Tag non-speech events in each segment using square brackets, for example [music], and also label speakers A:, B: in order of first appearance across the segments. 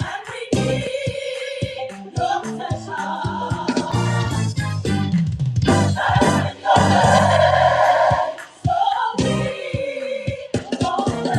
A: And we need your special. Oh, we do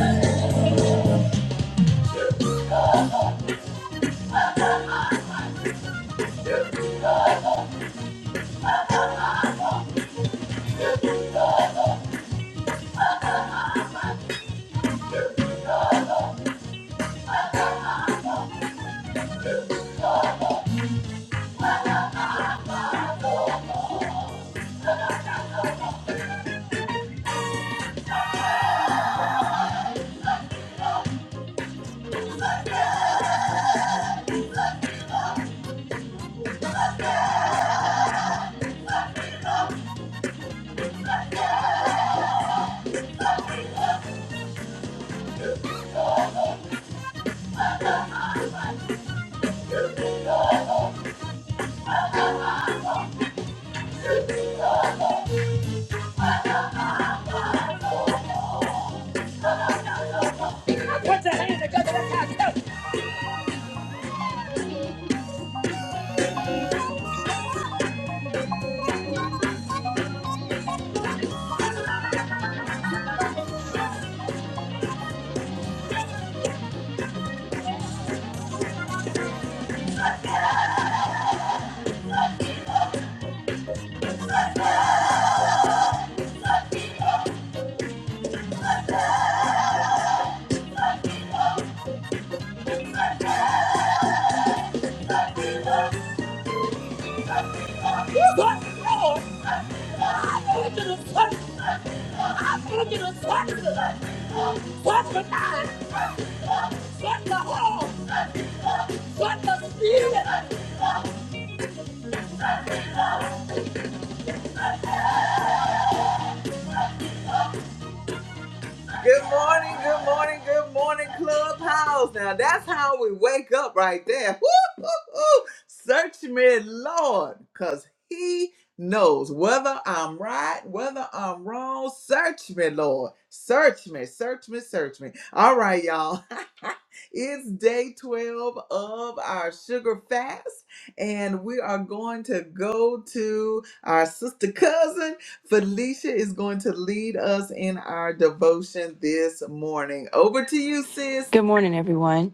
B: Good morning, everyone.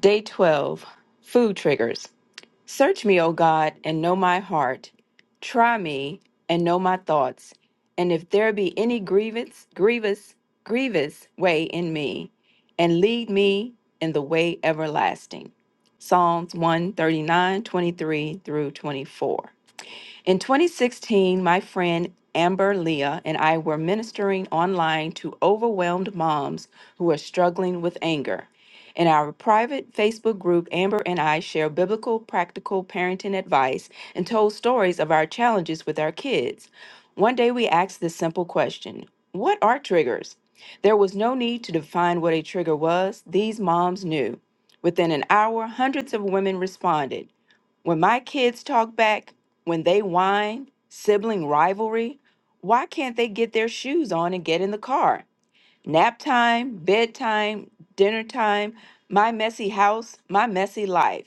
B: Day 12 Food Triggers. Search me, O God, and know my heart. Try me and know my thoughts. And if there be any grievance, grievous, grievous way in me, and lead me in the way everlasting. Psalms one thirty nine twenty three through 24. In 2016, my friend Amber Leah and I were ministering online to overwhelmed moms who are struggling with anger. In our private Facebook group, Amber and I share biblical, practical parenting advice and told stories of our challenges with our kids. One day we asked this simple question What are triggers? There was no need to define what a trigger was, these moms knew. Within an hour, hundreds of women responded. When my kids talk back, when they whine, sibling rivalry, why can't they get their shoes on and get in the car? Nap time, bedtime, dinner time, my messy house, my messy life.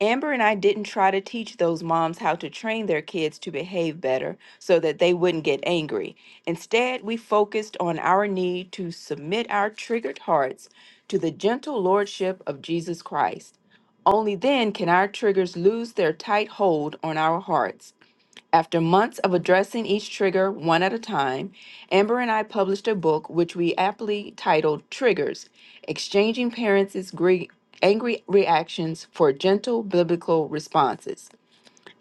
B: Amber and I didn't try to teach those moms how to train their kids to behave better so that they wouldn't get angry. Instead, we focused on our need to submit our triggered hearts to the gentle lordship of Jesus Christ. Only then can our triggers lose their tight hold on our hearts. After months of addressing each trigger one at a time, Amber and I published a book which we aptly titled Triggers Exchanging Parents' Gre- Angry Reactions for Gentle Biblical Responses.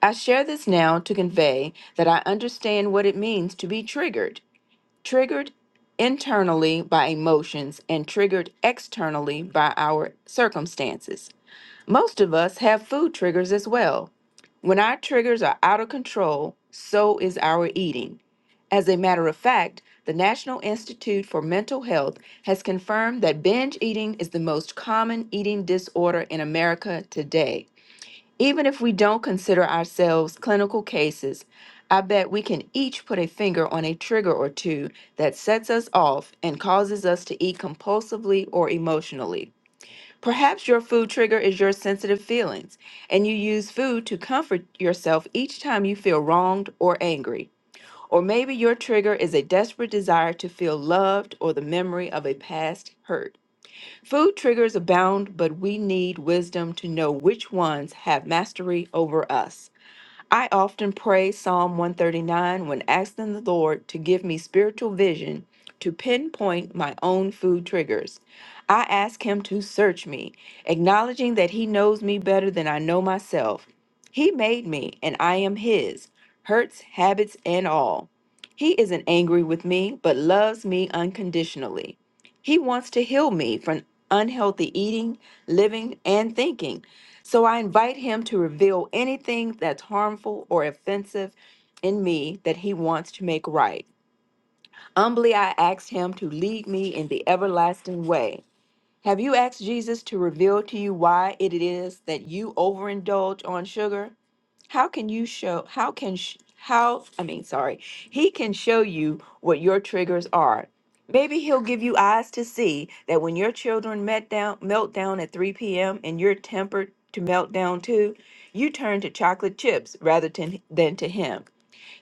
B: I share this now to convey that I understand what it means to be triggered. Triggered internally by emotions and triggered externally by our circumstances. Most of us have food triggers as well. When our triggers are out of control, so is our eating. As a matter of fact, the National Institute for Mental Health has confirmed that binge eating is the most common eating disorder in America today. Even if we don't consider ourselves clinical cases, I bet we can each put a finger on a trigger or two that sets us off and causes us to eat compulsively or emotionally. Perhaps your food trigger is your sensitive feelings, and you use food to comfort yourself each time you feel wronged or angry. Or maybe your trigger is a desperate desire to feel loved or the memory of a past hurt. Food triggers abound, but we need wisdom to know which ones have mastery over us. I often pray Psalm 139 when asking the Lord to give me spiritual vision to pinpoint my own food triggers. I ask Him to search me, acknowledging that He knows me better than I know myself. He made me, and I am His, hurts, habits, and all. He isn't angry with me, but loves me unconditionally. He wants to heal me from unhealthy eating, living, and thinking so I invite him to reveal anything that's harmful or offensive in me that he wants to make right. Humbly, I ask him to lead me in the everlasting way. Have you asked Jesus to reveal to you why it is that you overindulge on sugar? How can you show, how can, sh- how, I mean, sorry, he can show you what your triggers are. Maybe he'll give you eyes to see that when your children met down, melt down at 3 p.m. and you're tempered to melt down too, you turn to chocolate chips rather than, than to him.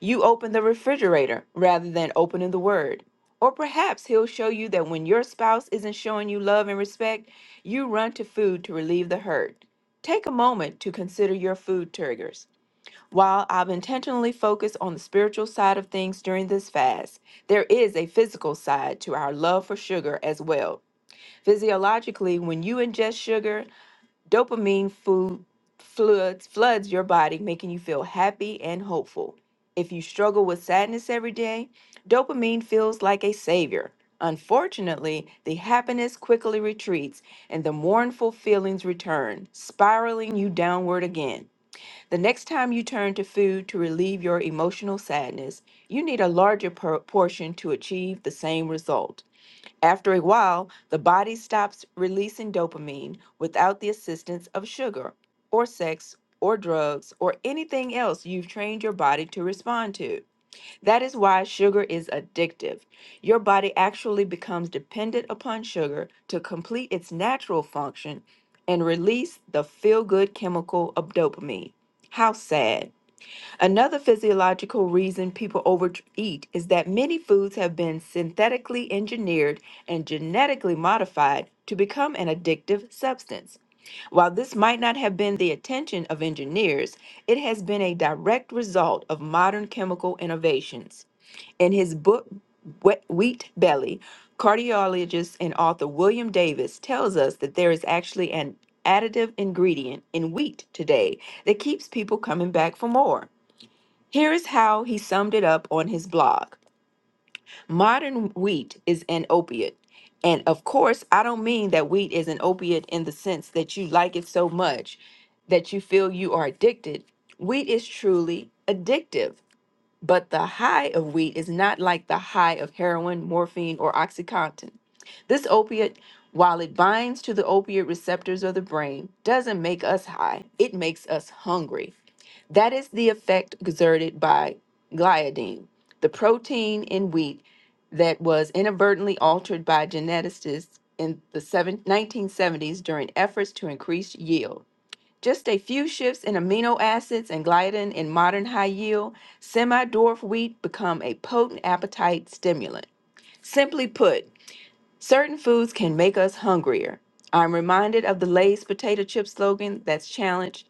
B: You open the refrigerator rather than opening the word. Or perhaps he'll show you that when your spouse isn't showing you love and respect, you run to food to relieve the hurt. Take a moment to consider your food triggers. While I've intentionally focused on the spiritual side of things during this fast, there is a physical side to our love for sugar as well. Physiologically, when you ingest sugar, dopamine food floods floods your body, making you feel happy and hopeful. If you struggle with sadness every day, dopamine feels like a savior. Unfortunately, the happiness quickly retreats and the mournful feelings return, spiraling you downward again. The next time you turn to food to relieve your emotional sadness, you need a larger por- portion to achieve the same result. After a while, the body stops releasing dopamine without the assistance of sugar, or sex, or drugs, or anything else you've trained your body to respond to. That is why sugar is addictive. Your body actually becomes dependent upon sugar to complete its natural function and release the feel good chemical of dopamine. How sad. Another physiological reason people overeat is that many foods have been synthetically engineered and genetically modified to become an addictive substance. While this might not have been the intention of engineers, it has been a direct result of modern chemical innovations. In his book, Whe- Wheat Belly, cardiologist and author William Davis tells us that there is actually an additive ingredient in wheat today that keeps people coming back for more. Here is how he summed it up on his blog Modern wheat is an opiate. And of course, I don't mean that wheat is an opiate in the sense that you like it so much that you feel you are addicted. Wheat is truly addictive. But the high of weed is not like the high of heroin, morphine, or Oxycontin. This opiate, while it binds to the opiate receptors of the brain, doesn't make us high. It makes us hungry. That is the effect exerted by gliadin, the protein in wheat that was inadvertently altered by geneticists in the seven- 1970s during efforts to increase yield. Just a few shifts in amino acids and gliadin in modern high yield semi dwarf wheat become a potent appetite stimulant. Simply put, certain foods can make us hungrier. I'm reminded of the Lay's potato chip slogan that's challenged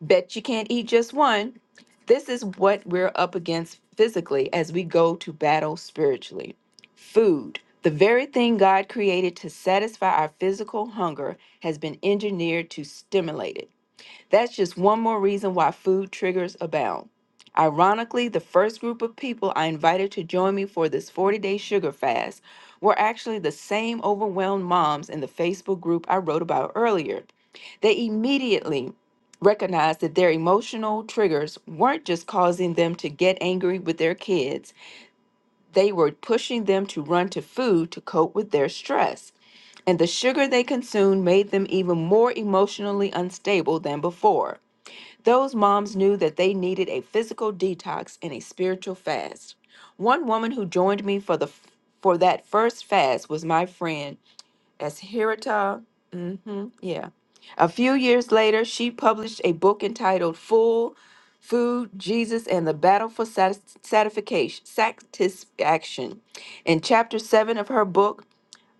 B: Bet you can't eat just one. This is what we're up against physically as we go to battle spiritually. Food, the very thing God created to satisfy our physical hunger, has been engineered to stimulate it. That's just one more reason why food triggers abound. Ironically, the first group of people I invited to join me for this 40 day sugar fast were actually the same overwhelmed moms in the Facebook group I wrote about earlier. They immediately recognized that their emotional triggers weren't just causing them to get angry with their kids, they were pushing them to run to food to cope with their stress. And the sugar they consumed made them even more emotionally unstable than before. Those moms knew that they needed a physical detox and a spiritual fast. One woman who joined me for the for that first fast was my friend Ashirita. hmm yeah. A few years later, she published a book entitled "Full Food: Jesus and the Battle for Satis- Satisfaction." Satisfaction. In chapter seven of her book,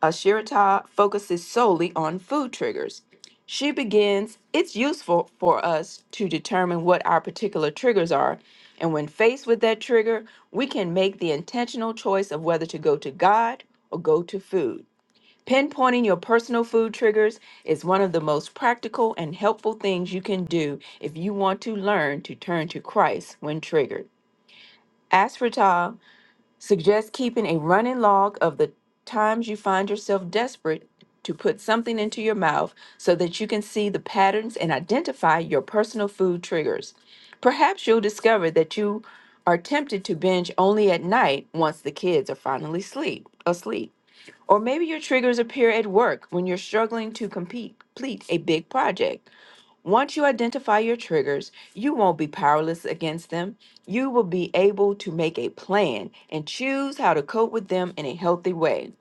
B: Ashirata focuses solely on food triggers. She begins, it's useful for us to determine what our particular triggers are. And when faced with that trigger, we can make the intentional choice of whether to go to God or go to food. Pinpointing your personal food triggers is one of the most practical and helpful things you can do if you want to learn to turn to Christ when triggered. Suggest keeping a running log of the times you find yourself desperate to put something into your mouth so that you can see the patterns and identify your personal food triggers. Perhaps you'll discover that you are tempted to binge only at night once the kids are finally sleep, asleep. Or maybe your triggers appear at work when you're struggling to compete, complete a big project. Once you identify your triggers, you won't be powerless against them. You will be able to make a plan and choose how to cope with them in a healthy way.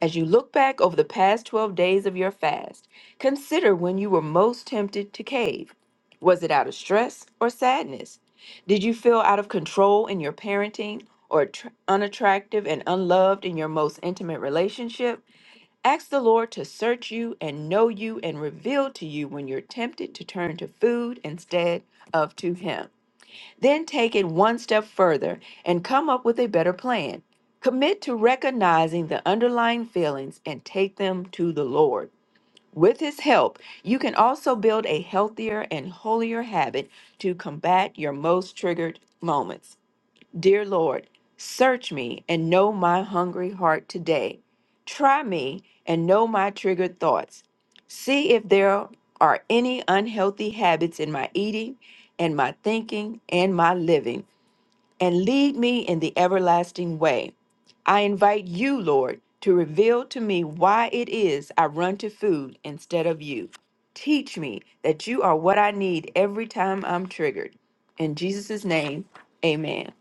B: As you look back over the past 12 days of your fast, consider when you were most tempted to cave. Was it out of stress or sadness? Did you feel out of control in your parenting or tr- unattractive and unloved in your most intimate relationship? Ask the Lord to search you and know you and reveal to you when you're tempted to turn to food instead of to Him. Then take it one step further and come up with a better plan. Commit to recognizing the underlying feelings and take them to the Lord. With His help, you can also build a healthier and holier habit to combat your most triggered moments. Dear Lord, search me and know my hungry heart today. Try me and know my triggered thoughts. See if there are any unhealthy habits in my eating and my thinking and my living, and lead me in the everlasting way. I invite you, Lord, to reveal to me why it is I run to food instead of you. Teach me that you are what I need every time I'm triggered. In Jesus' name, amen.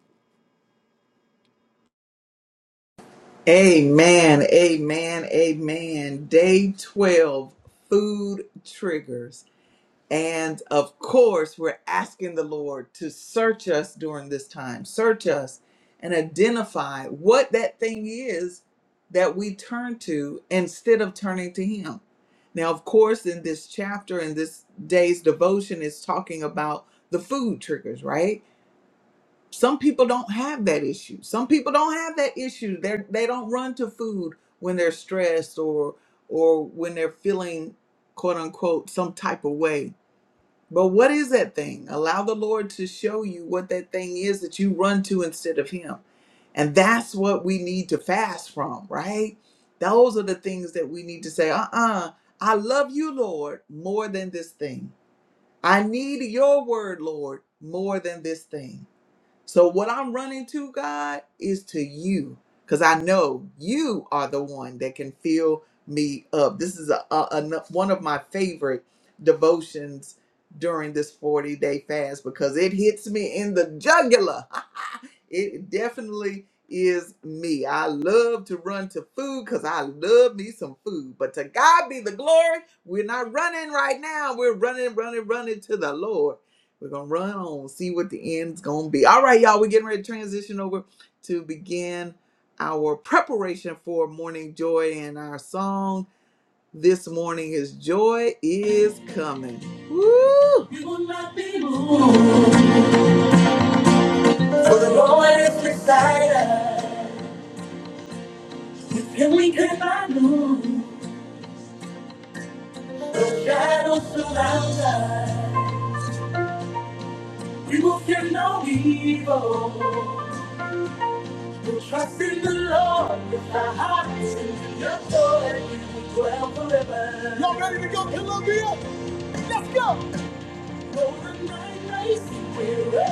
A: We will not be moved. For the Lord is beside us. With him we can find room. The shadows surround us. We will fear no evil. We'll trust in the Lord with our hearts and in your joy. We will dwell forever. though the night may seem weary,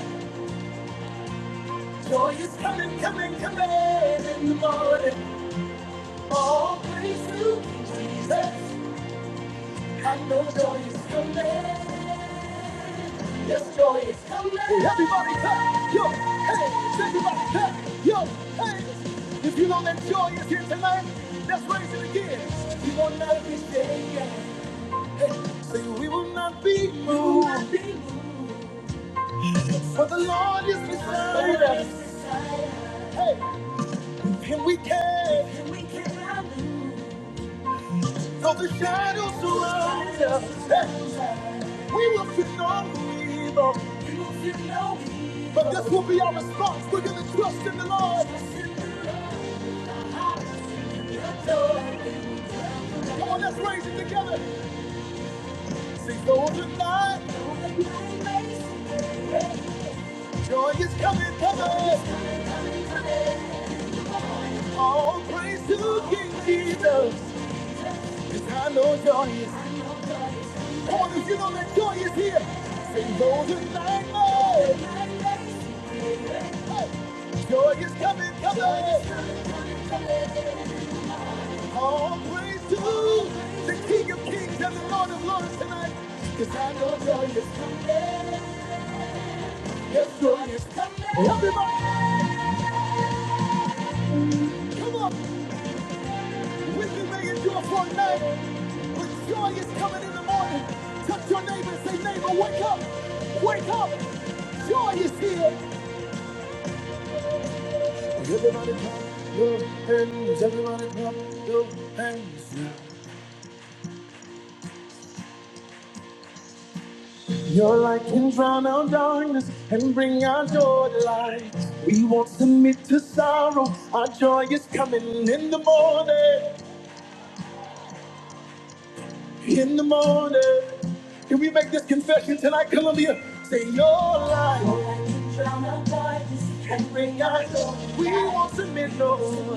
A: Joy is coming, coming, coming in the morning. All praise to Jesus. I know joy is coming. Yes, joy is coming. We will not be shaken. And we move and we cannot lose. We will feel no heat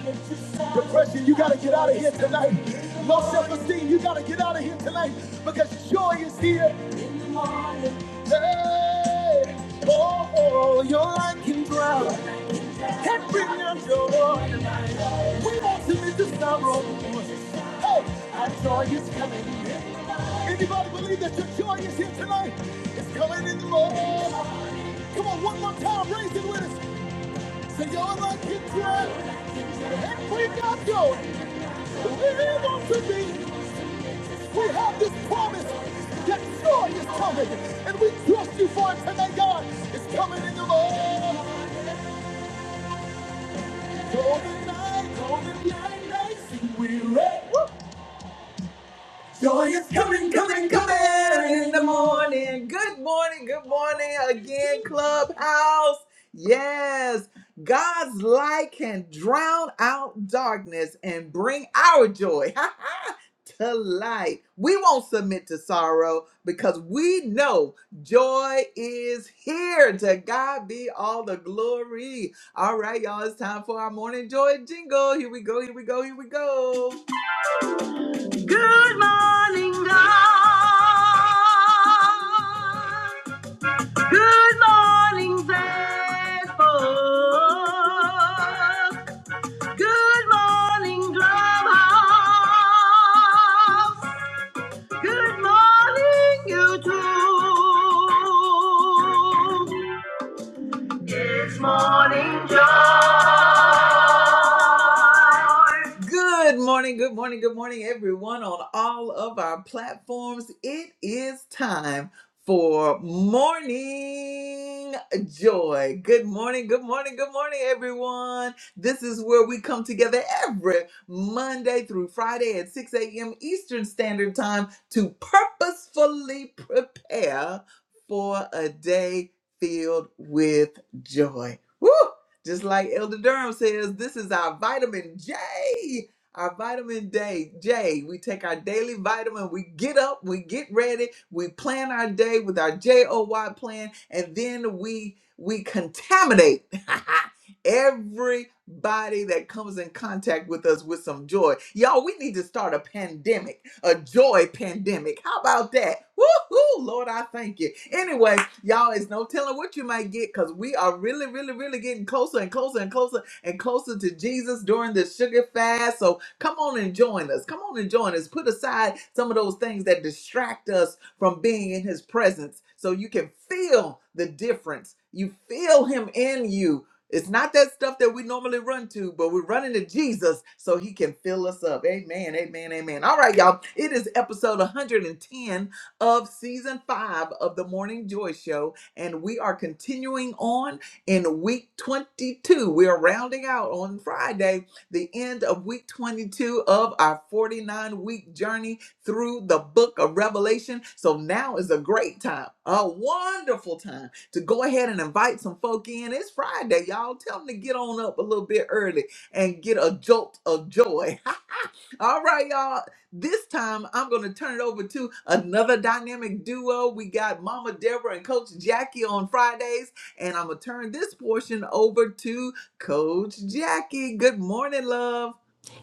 A: until Sunday morning. Joy is coming. coming.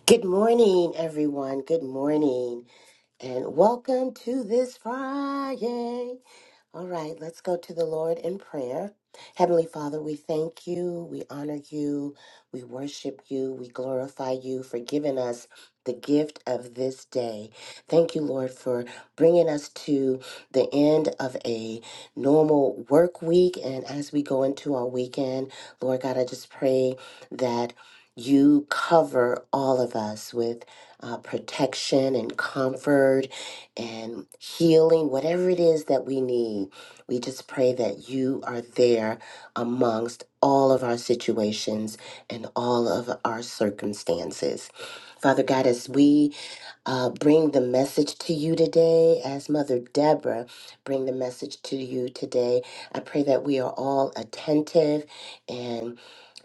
C: Good morning, everyone. Good morning, and welcome to this Friday. All right, let's go to the Lord in prayer. Heavenly Father, we thank you, we honor you, we worship you, we glorify you for giving us the gift of this day. Thank you, Lord, for bringing us to the end of a normal work week. And as we go into our weekend, Lord God, I just pray that you cover all of us with uh, protection and comfort and healing, whatever it is that we need. We just pray that you are there amongst all of our situations and all of our circumstances. Father God, as we uh, bring the message to you today, as Mother Deborah bring the message to you today, I pray that we are all attentive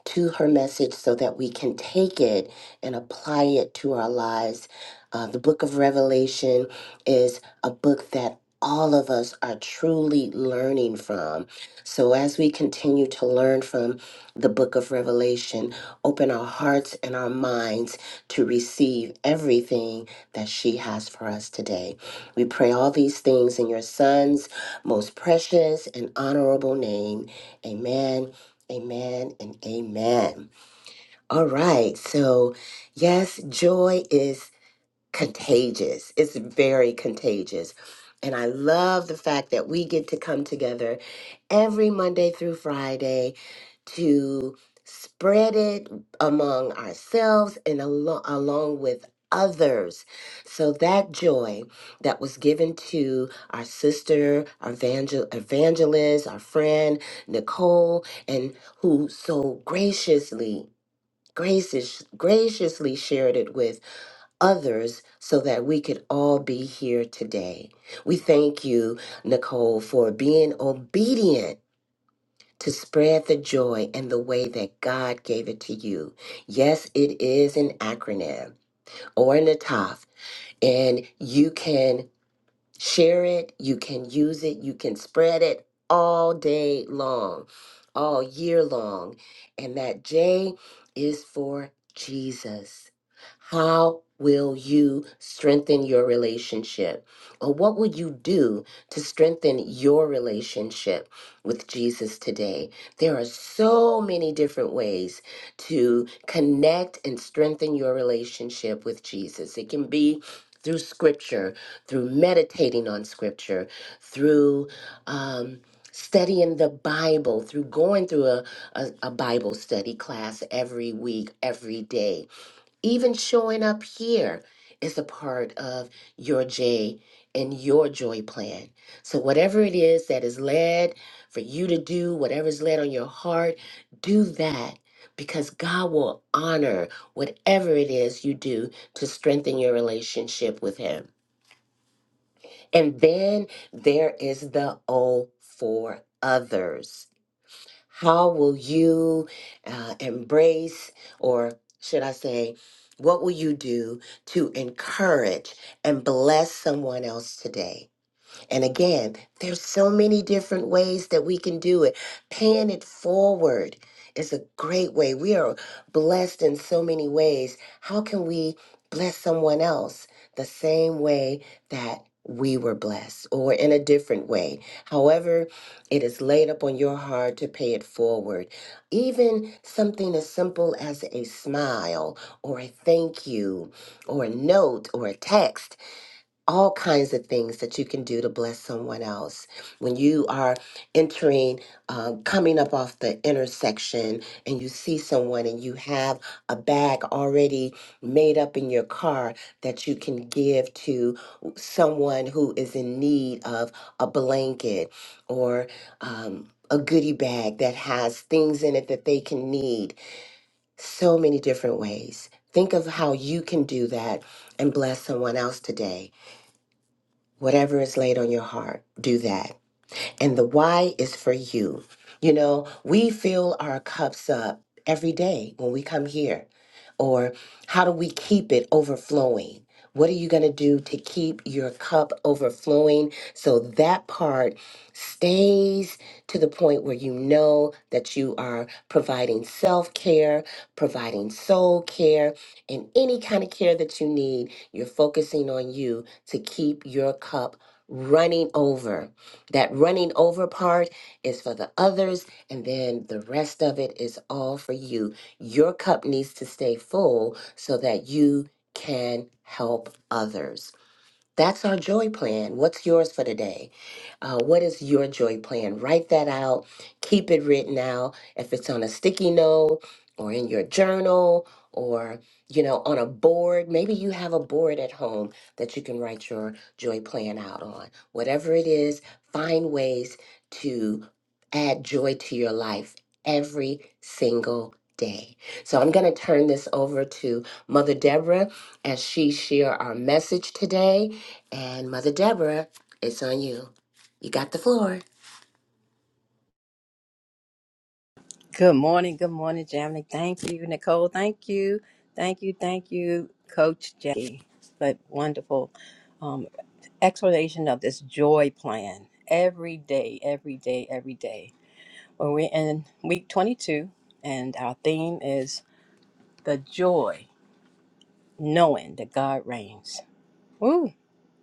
C: to her message so that we can take it and apply it to our lives. Uh, the book of Revelation is a book that all of us are truly learning from. So, as we continue to learn from the book of Revelation, open our hearts and our minds to receive everything that she has for us today. We pray all these things in your son's most precious and honorable name. Amen Amen and amen. All right. So, yes, joy is contagious. It's very contagious. And I love the fact that we get to come together every Monday through Friday to spread it among ourselves and alo- along with others. So that joy that was given to our sister, our evangel- evangelist, our friend Nicole, and who so graciously gracious, graciously shared it with others so that we could all be here today. We thank you, Nicole, for being obedient to spread the joy and the way that God gave it to you. Yes, it is an acronym or an ATOF, and you can share it, you can use it, you can spread it all day long, all year long. And that J is for Jesus. How will you strengthen your relationship? Or what will you do to strengthen your relationship with Jesus today? There are so many different ways to connect and strengthen your relationship with Jesus. It can be through scripture, through meditating on scripture, through um, studying the Bible, through going through a, a, a Bible study class every week, every day. Even showing up here is a part of your J and your joy plan. So, whatever it is that is led for you to do, whatever is led on your heart, do that. Because God will honor whatever it is you do to strengthen your relationship with Him. And then there is the O for others. How will you uh, embrace, or should I say, what will you do to encourage and bless someone else today? And again, there's so many different ways that we can do it. Paying it forward is a great way. We are blessed in so many ways. How can we bless someone else the same way that we were blessed or in a different way? However, it is laid up on your heart to pay it forward. Even something as simple as a smile or a thank you or a note or a text all kinds of things that you can do to bless someone else. When you are entering, uh, coming up off the intersection, and you see someone and you have a bag already made up in your car that you can give to someone who is in need of a blanket or um, a goodie bag that has things in it that they can need. So many different ways. Think of how you can do that and bless someone else today Whatever is laid on your heart, do that and the why is for you. You know, we fill our cups up every day when we come here. Or how do we keep it overflowing? What are you going to do to keep your cup overflowing so that part stays to the point where you know that you are providing self care, providing soul care, and any kind of care that you need? You're focusing on you to keep your cup running over that running over part is for the others, and then the rest of it is all for you. Your cup needs to stay full so that you can help others. That's our joy plan. What's yours for today? Uh, what is your joy plan? Write that out. Keep it written out. If it's on a sticky note or in your journal or you know on a board, maybe you have a board at home that you can write your joy plan out on. Whatever it is, find ways to add joy to your life every single day. So I'm going to turn this over to Mother Deborah as she share our message today and Mother Deborah, it's on you. You got the floor.
D: Good morning. Good morning, Jamie. Thank you, Nicole. Thank you. Thank you. Thank you, Coach Jackie. But wonderful um, explanation of this joy plan every day, every day, every day. Well, we're in week 22, and our theme is the joy, knowing that God reigns. Woo!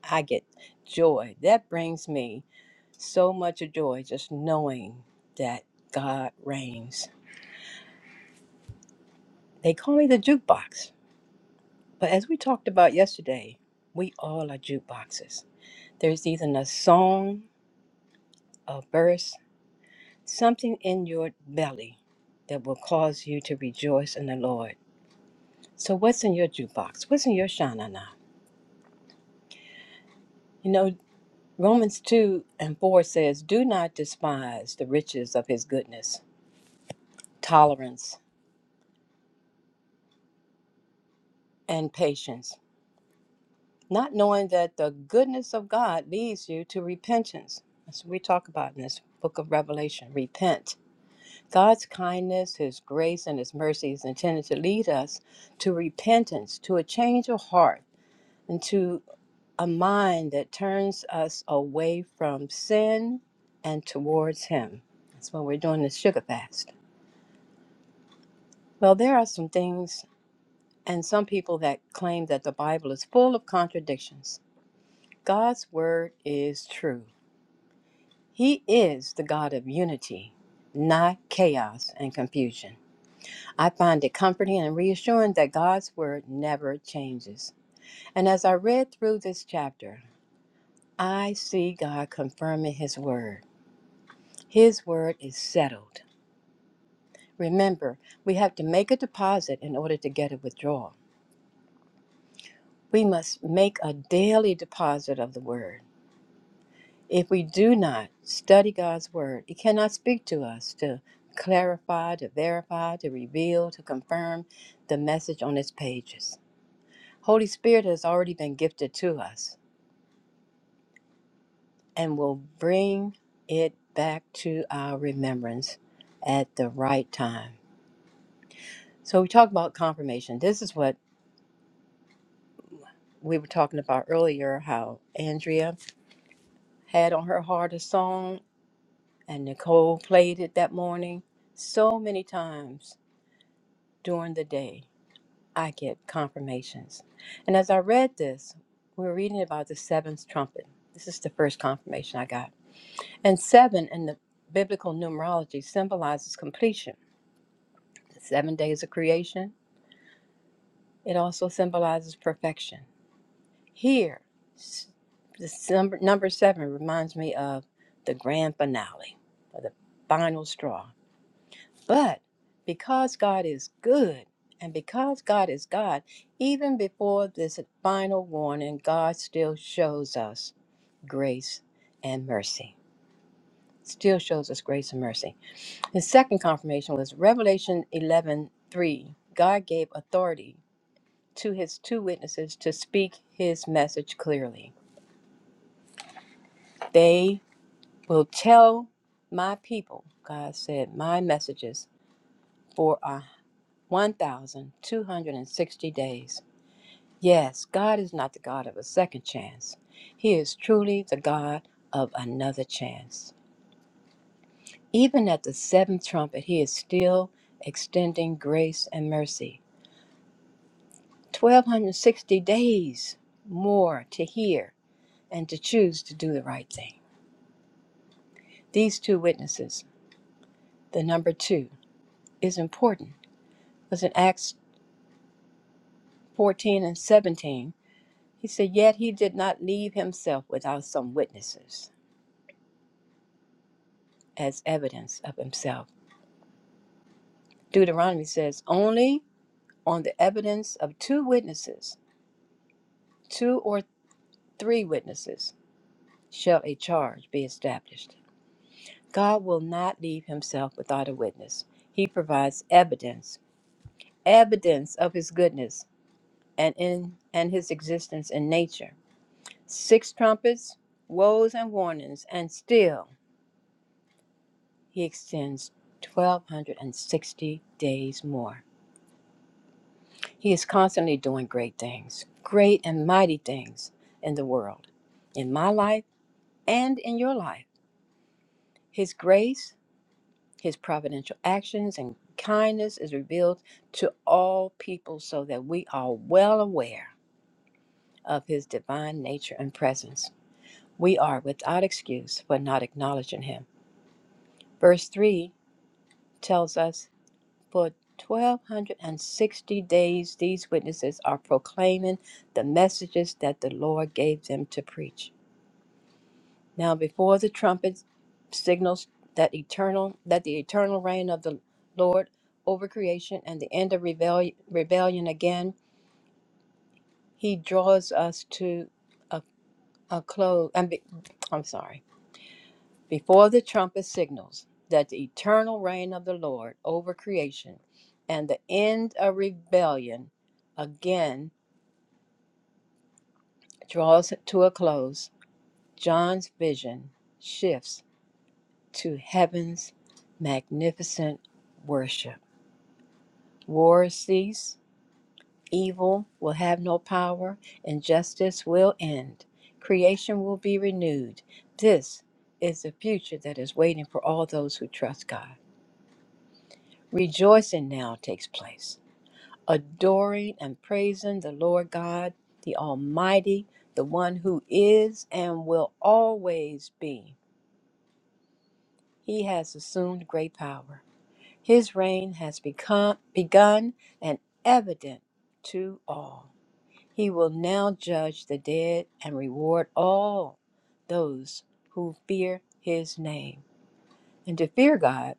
D: I get joy. That brings me so much joy just knowing that God reigns. They call me the jukebox But as we talked about yesterday, we all are jukeboxes. There's either a song, a verse, something in your belly that will cause you to rejoice in the Lord. So, what's in your jukebox? What's in your shanana? You know, Romans 2 and 4 says, Do not despise the riches of his goodness, tolerance, and patience, not knowing that the goodness of God leads you to repentance. That's what we talk about in this book of Revelation repent God's kindness, His grace, and His mercy is intended to lead us to repentance, to a change of heart, and to a mind that turns us away from sin and towards Him. That's why we're doing this sugar fast. Well, there are some things and some people that claim that the Bible is full of contradictions. God's Word is true. He is the God of unity, not chaos and confusion. I find it comforting and reassuring that God's word never changes. And as I read through this chapter, I see God confirming his word. His word is settled. Remember, we have to make a deposit in order to get a withdrawal. We must make a daily deposit of the word. If we do not study God's word, it cannot speak to us to clarify, to verify, to reveal, to confirm the message on its pages. Holy Spirit has already been gifted to us and will bring it back to our remembrance at the right time. So we talk about confirmation. This is what we were talking about earlier how Andrea had on her heart a song and Nicole played it that morning. So many times during the day, I get confirmations. And as I read this, we were reading about the seventh trumpet. This is the first confirmation I got And seven in the biblical numerology symbolizes completion. The seven days of creation, it also symbolizes perfection. Here, s- this number, number seven reminds me of the grand finale, or the final straw. But because God is good, and because God is God, even before this final warning, God still shows us grace and mercy. Still shows us grace and mercy. His second confirmation was Revelation 11:3. God gave authority to his two witnesses to speak his message clearly. They will tell my people, God said, my messages for a 1,260 days. Yes, God is not the God of a second chance. He is truly the God of another chance. Even at the seventh trumpet, he is still extending grace and mercy. 1260 days more to hear and to choose to do the right thing. These two witnesses, the number two, is important It Was in Acts 14 and 17, he said, Yet he did not leave himself without some witnesses as evidence of himself. Deuteronomy says, Only on the evidence of two witnesses, two or three witnesses, shall a charge be established. God will not leave himself without a witness. He provides evidence, evidence of his goodness and in and his existence in nature. Six trumpets, woes and warnings, and still he extends 1260 days more. He is constantly doing great things, great and mighty things in the world, in my life and in your life. His grace His providential actions and kindness is revealed to all people so that we are well aware of his divine nature and presence. We are without excuse for not acknowledging him. Verse 3 tells us for 1260 days these witnesses are proclaiming the messages that the Lord gave them to preach. Now before the trumpet signals that eternal that the eternal reign of the Lord over creation and the end of rebellion, rebellion again, he draws us to a, a close. And be, I'm sorry. Before the trumpet signals that the eternal reign of the Lord over creation and the end of rebellion again draws to a close, John's vision shifts to heaven's magnificent worship. Wars cease, evil will have no power, and justice will end. Creation will be renewed. This is the future that is waiting for all those who trust God. Rejoicing now takes place, adoring and praising the Lord God, the Almighty, the one who is and will always be. He has assumed great power. His reign has become begun and evident to all. He will now judge the dead and reward all those who fear his name. And to fear God,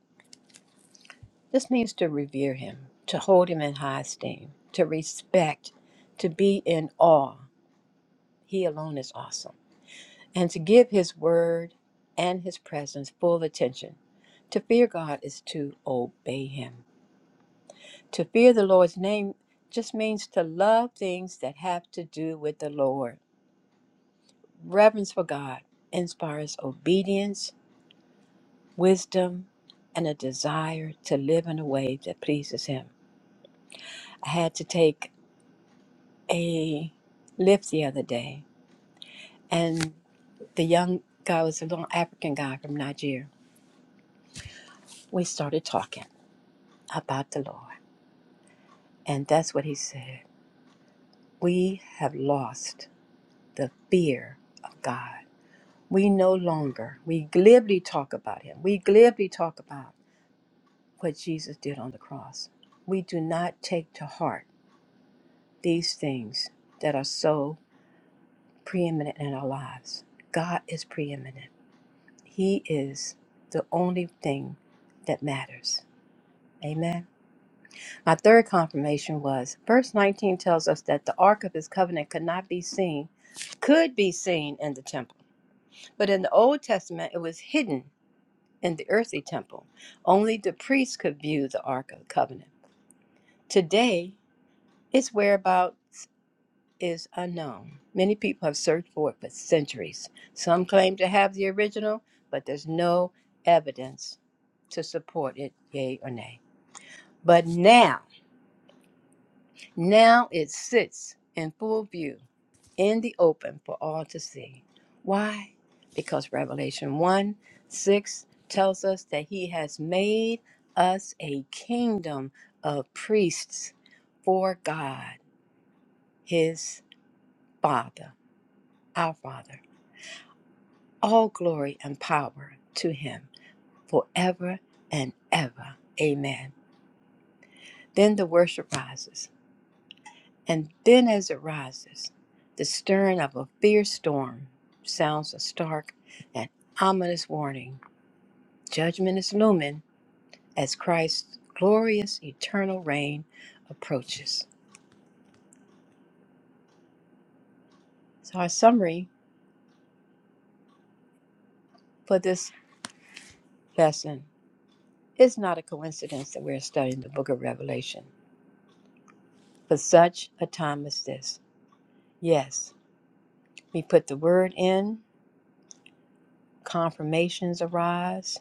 D: this means to revere him, to hold him in high esteem, to respect, to be in awe. He alone is awesome. and to give His word and His presence full attention. To fear God is to obey Him. To fear the Lord's name just means to love things that have to do with the Lord. Reverence for God inspires obedience, wisdom, and a desire to live in a way that pleases Him. I had to take a lift the other day, and the young guy was a little African guy from Nigeria. We started talking. about the Lord. And that's what he said. We have lost the fear of God. We no longer, we glibly talk about him. We glibly talk about what Jesus did on the cross. We do not take to heart these things that are so preeminent in our lives. God is preeminent, He is the only thing that matters. Amen. My third confirmation was verse 19 tells us that the Ark of his covenant could not be seen, could be seen in the temple. But in the Old Testament, it was hidden in the earthly temple. Only the priests could view the Ark of the covenant. Today, its whereabouts is unknown. Many people have searched for it for centuries. Some claim to have the original, but there's no evidence to support it, yay or nay. But now, now it sits in full view in the open for all to see. Why? Because Revelation 1 6 tells us that he has made us a kingdom of priests for God, his Father, our Father. All glory and power to him forever and ever. Amen. Then the worship rises. And then as it rises, the stirring of a fierce storm sounds a stark and ominous warning Judgment is looming as Christ's glorious eternal reign approaches. So, our summary for this lesson is not a coincidence that we're studying the book of Revelation for such a time as this. Yes, we put the word in, confirmations arise.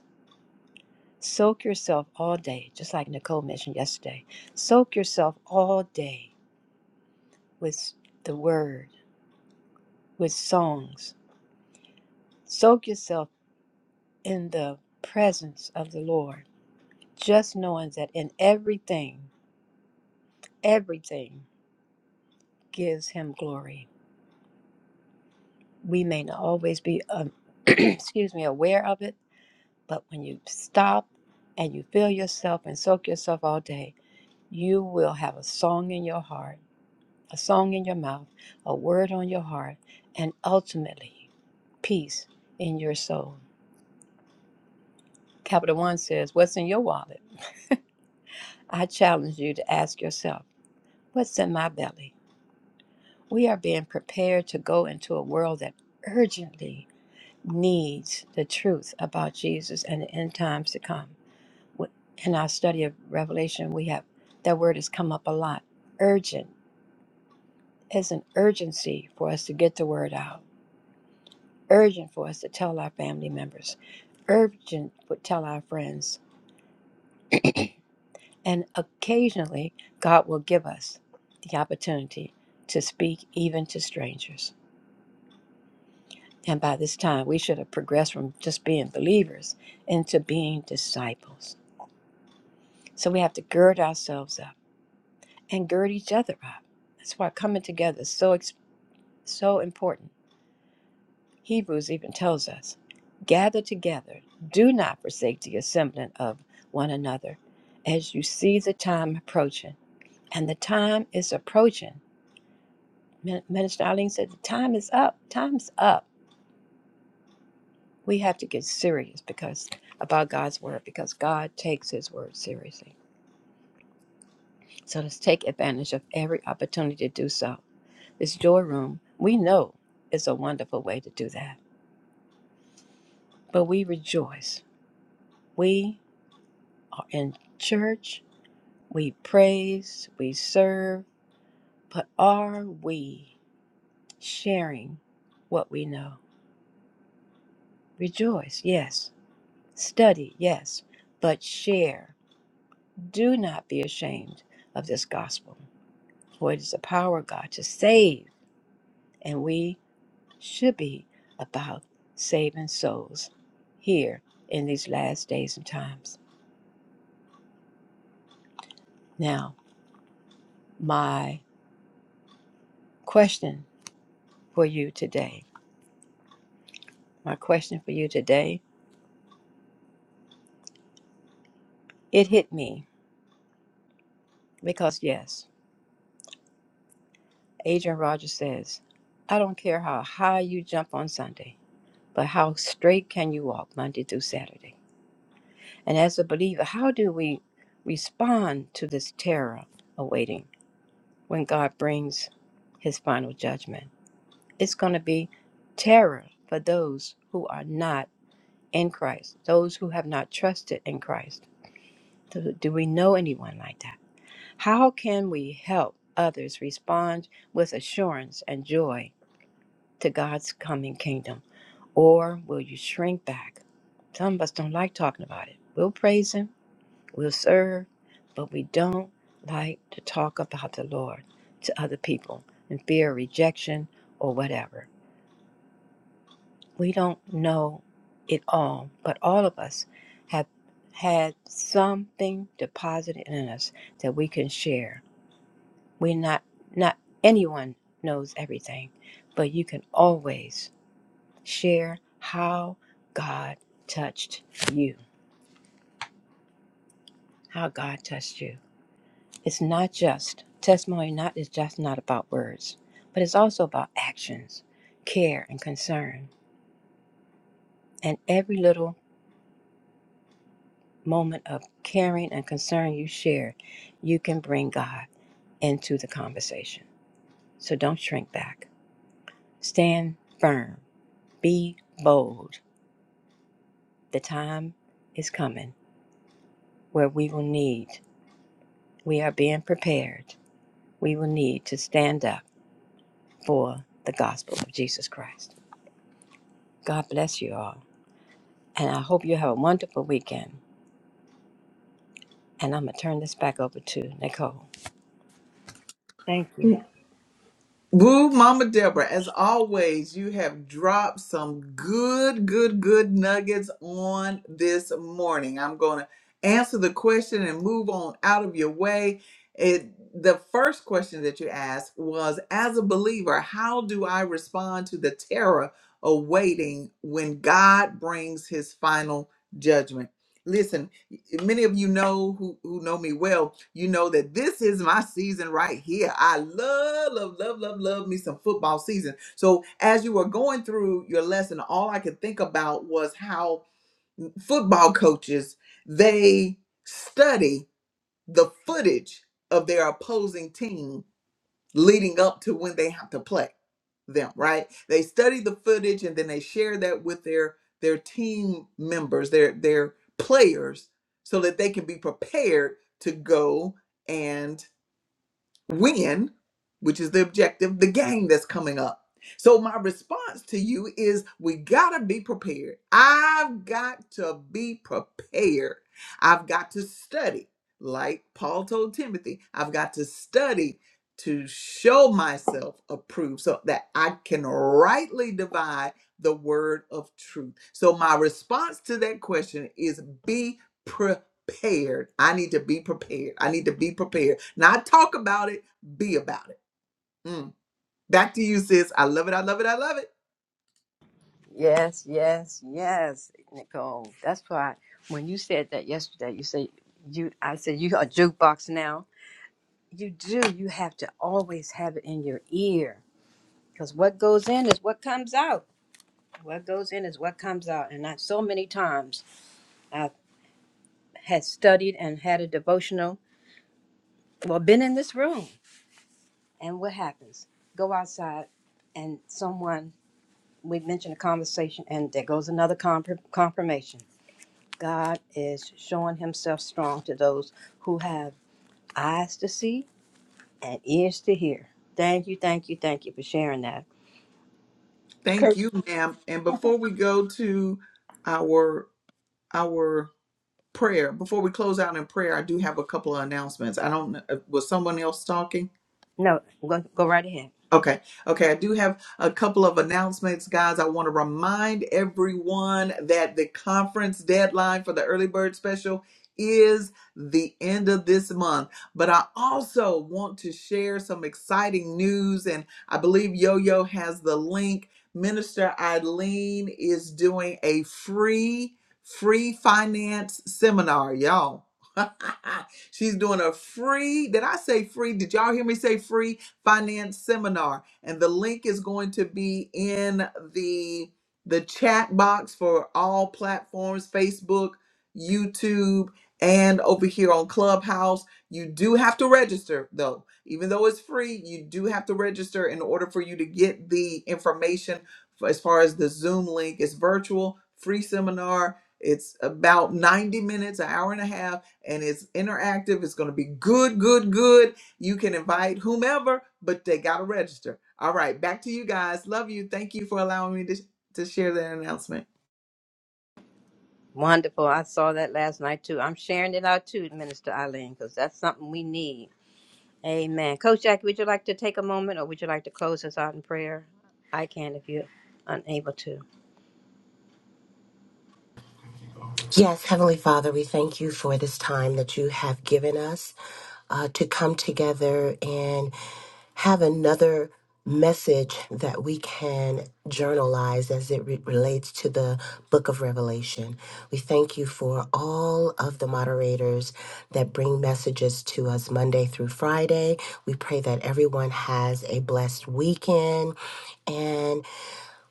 D: Soak yourself all day, just like Nicole mentioned yesterday. Soak yourself all day with the word, with songs. Soak yourself in the presence of the Lord, just knowing that in everything, everything gives him glory. We may not always be, um, [clears throat] excuse me, aware of it, but when you stop and you feel yourself and soak yourself all day, you will have a song in your heart, a song in your mouth, a word on your heart, and ultimately peace in your soul. Capital One says, What's in your wallet? I challenge you to ask yourself, What's in my belly? We are being prepared to go into a world that urgently needs the truth about Jesus and the end times to come. Wh- In our study of Revelation, we have that word has come up a lot. Urgent is an urgency for us to get the word out. Urgent for us to tell our family members. Urgent for tell our friends. And occasionally, God will give us the opportunity to speak even to strangers. And by this time, we should have progressed from just being believers into being disciples. So we have to gird ourselves up and gird each other up. That's why coming together is so, ex- so important. Hebrews even tells us gather together, do not forsake the assembling of one another as you see the time approaching. And the time is approaching. Min- Minister Arlene said, The time is up. Time's up we have to get serious because about God's word because God takes his word seriously. So let's take advantage of every opportunity to do so. This joy room, we know is a wonderful way to do that. But we rejoice. We are in church, we praise, we serve, but are we sharing what we know? Rejoice, yes. Study, yes, but share. Do not be ashamed of this gospel For it is the power of God to save, and we should be about saving souls here in these last days and times. Now, my question for you today, my question for you today, it hit me because, yes, Adrian Rogers says, I don't care how high you jump on Sunday, but how straight can you walk Monday through Saturday? And as a believer, how do we respond to this terror awaiting? when God brings his final judgment. It's going to be terror for those who are not in Christ, those who have not trusted in Christ. Do, do we know anyone like that? How can we help others respond with assurance and joy to God's coming kingdom? Or will you shrink back? Some of us don't like talking about it. We'll praise Him, We'll serve, but we don't like to talk about the Lord to other people in fear of rejection or whatever. We don't know it all, but all of us have had something deposited in us that we can share. We're not, not anyone knows everything, but you can always share how God touched you, how God touched you. It's not just testimony. Not is just not about words, but it's also about actions, care, and concern. And every little moment of caring and concern you share, you can bring God into the conversation. So don't shrink back. Stand firm. Be bold. The time is coming where we will need, we are being prepared, we will need to stand up for the gospel of Jesus Christ. God bless you all. And I hope you have a wonderful weekend. And I'm going to turn this back over to Nicole. Thank you. Yes, yes, yes, Nicole. That's why when you said that yesterday, you said you I said you a jukebox now. You do. You have to always have it in your ear because what goes in is what comes out. What goes in is what comes out. And I so many times I had studied and had a devotional. Well, been in this room, and what happens? Go outside, and someone we mentioned a conversation, and there goes another confir- confirmation. God is showing Himself strong to those who have eyes to see and ears to hear. Thank you, thank you, thank you for sharing that. No, go, go right ahead. Wonderful. I saw that last night too. I'm sharing it out too, Minister Eileen, because that's something we need. Amen. Coach Jackie, would you like to take a moment or would you like to close us out in prayer? I can if you're unable to.
C: Yes, Heavenly Father, we thank you for this time that you have given us uh, to come together and have another message that we can journalize as it re- relates to the book of Revelation. We thank you for all of the moderators that bring messages to us Monday through Friday. We pray that everyone has a blessed weekend.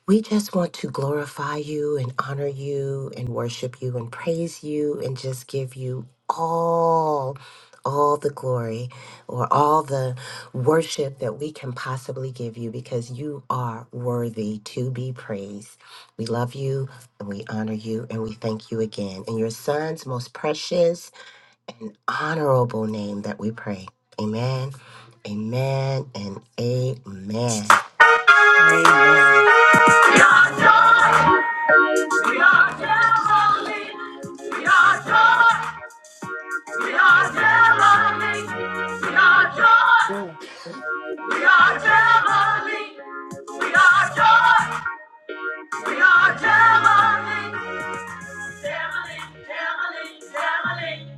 C: We just want to glorify you and honor you and worship you and praise you and just give you all all the glory or all the worship that we can possibly give you because you are worthy to be praised. We love you and we honor you and we thank you again in your son's most precious and honorable name that we pray. Amen. Amen and amen.
D: Amen.
A: We are joy. We are heavenly. We are joy. We are heavenly. We are joy. We are Germany. We are joy. We are Germany. Germany, Germany, Germany.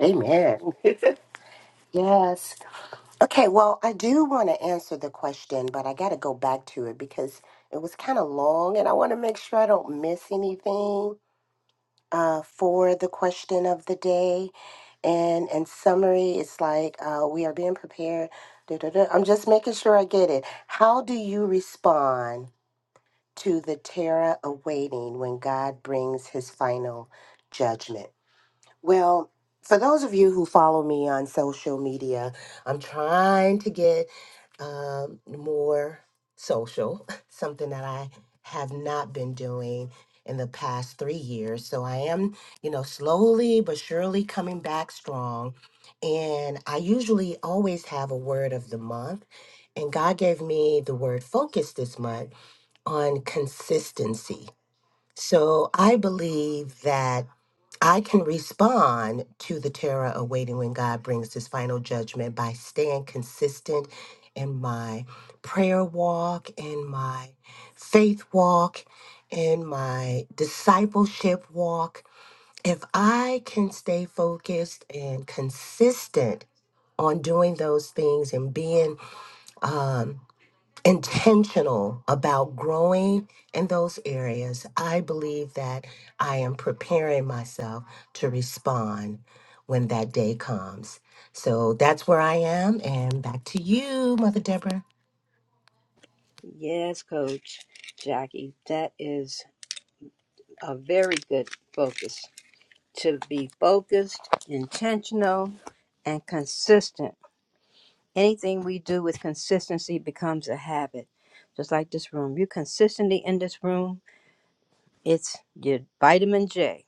C: Amen. [laughs] yes. Okay, well, I do want to answer the question, but I got to go back to it because it was kind of long and I want to make sure I don't miss anything uh, for the question of the day. And in summary, it's like uh, we are being prepared. Da, da, da. I'm just making sure I get it. How do you respond to the terror awaiting when God brings his final judgment? Well, for those of you who follow me on social media, I'm trying to get um, more social, [laughs] something that I have not been doing in the past three years. So I am, you know, slowly but surely coming back strong. And I usually always have a word of the month. And God gave me the word focus this month on consistency. So I believe that I can respond to the terror of waiting when God brings his final judgment by staying consistent in my prayer walk, in my faith walk, in my discipleship walk. If I can stay focused and consistent on doing those things and being um, intentional about growing in those areas, I believe that I am preparing myself to respond when that day comes. So that's where I am. And back to you, Mother Deborah.
D: Yes, Coach Jackie, that is. a very good focus to be focused, intentional, and consistent. Anything we do with consistency becomes a habit. Just like this room. You consistently in this room, it's your vitamin J.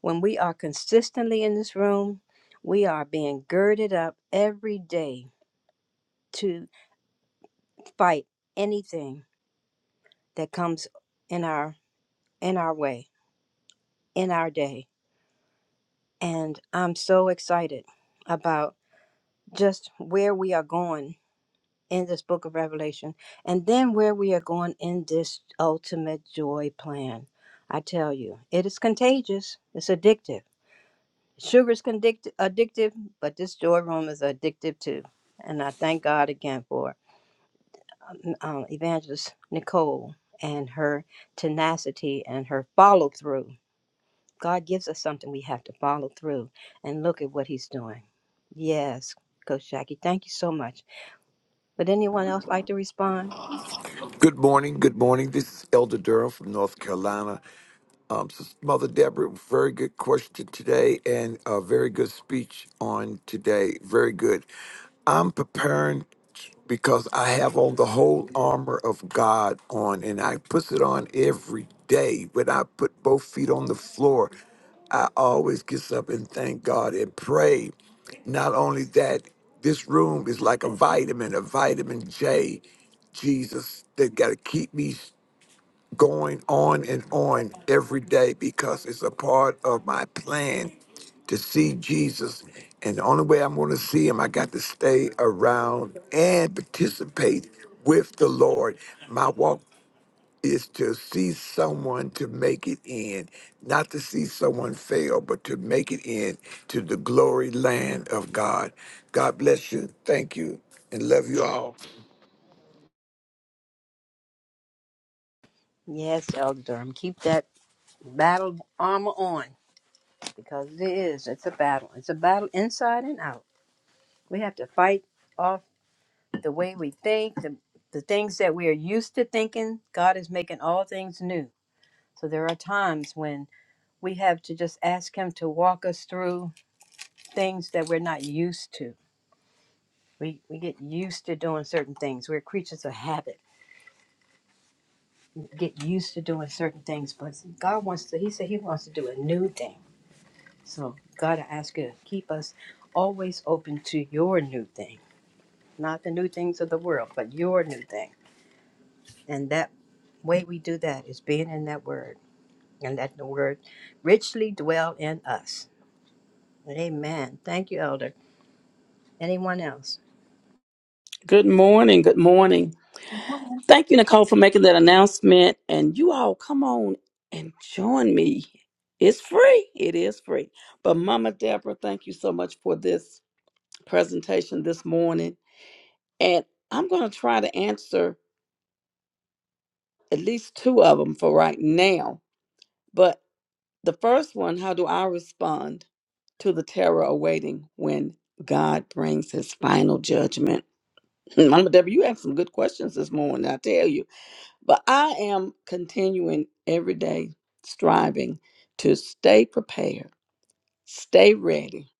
D: When we are consistently in this room, we are being girded up every day to fight anything that comes in our in our way, in our day. And I'm so excited about just where we are going in this book of Revelation and then where we are going in this ultimate joy plan. I tell you, it is contagious, it's addictive. Sugar is condict- addictive, but this joy room is addictive too. And I thank God again for um, um, Evangelist Nicole and her tenacity and her follow through. God gives us something we have to follow through and look at what He's doing. Yes, Coach Jackie, thank you so much. Would anyone else like to respond?
E: Good morning. Good morning. This is Elder Durham from North Carolina. Um, Sis- Mother Deborah, very good question today and a very good speech on today. Very good. I'm preparing because I have on the whole armor of God on and I put it on every day. When I put both feet on the floor, I always get up and thank God and pray. Not only that, this room is like a vitamin, a vitamin J. Jesus, they got to keep me going on and on every day because it's a part of my plan to see Jesus. And the only way I'm going to see him, I got to stay around and participate with the Lord. My walk is to see someone to make it in, not to see someone fail, but to make it in to the glory land of God. God bless you. Thank you and love you all.
D: Yes, Elder Durham, keep that battle armor on because it is. It's a battle. It's a battle inside and out. We have to fight off the way we think, the, the things that we are used to thinking. God is making all things new. So there are times when we have to just ask Him to walk us through things that we're not used to. We, we get used to doing certain things. We're creatures of habit. We get used to doing certain things, but God wants to, He said He wants to do a new thing. So, God, I ask you to keep us always open to your new thing, not the new things of the world, but your new thing. And that way we do that is being in that word and let the word richly dwell in us. Amen. Thank you, Elder. Anyone else?
F: Good morning. Good morning. Thank you, Nicole, for making that announcement. And you all come on and join me. It's free. It is free. But Mama Deborah, thank you so much for this presentation this morning. And I'm going to try to answer at least two of them for right now. But the first one, how do I respond to the terror awaiting when God brings his final judgment? [laughs] Mama Deborah, you asked some good questions this morning, I tell you. But I am continuing every day striving to stay prepared, stay ready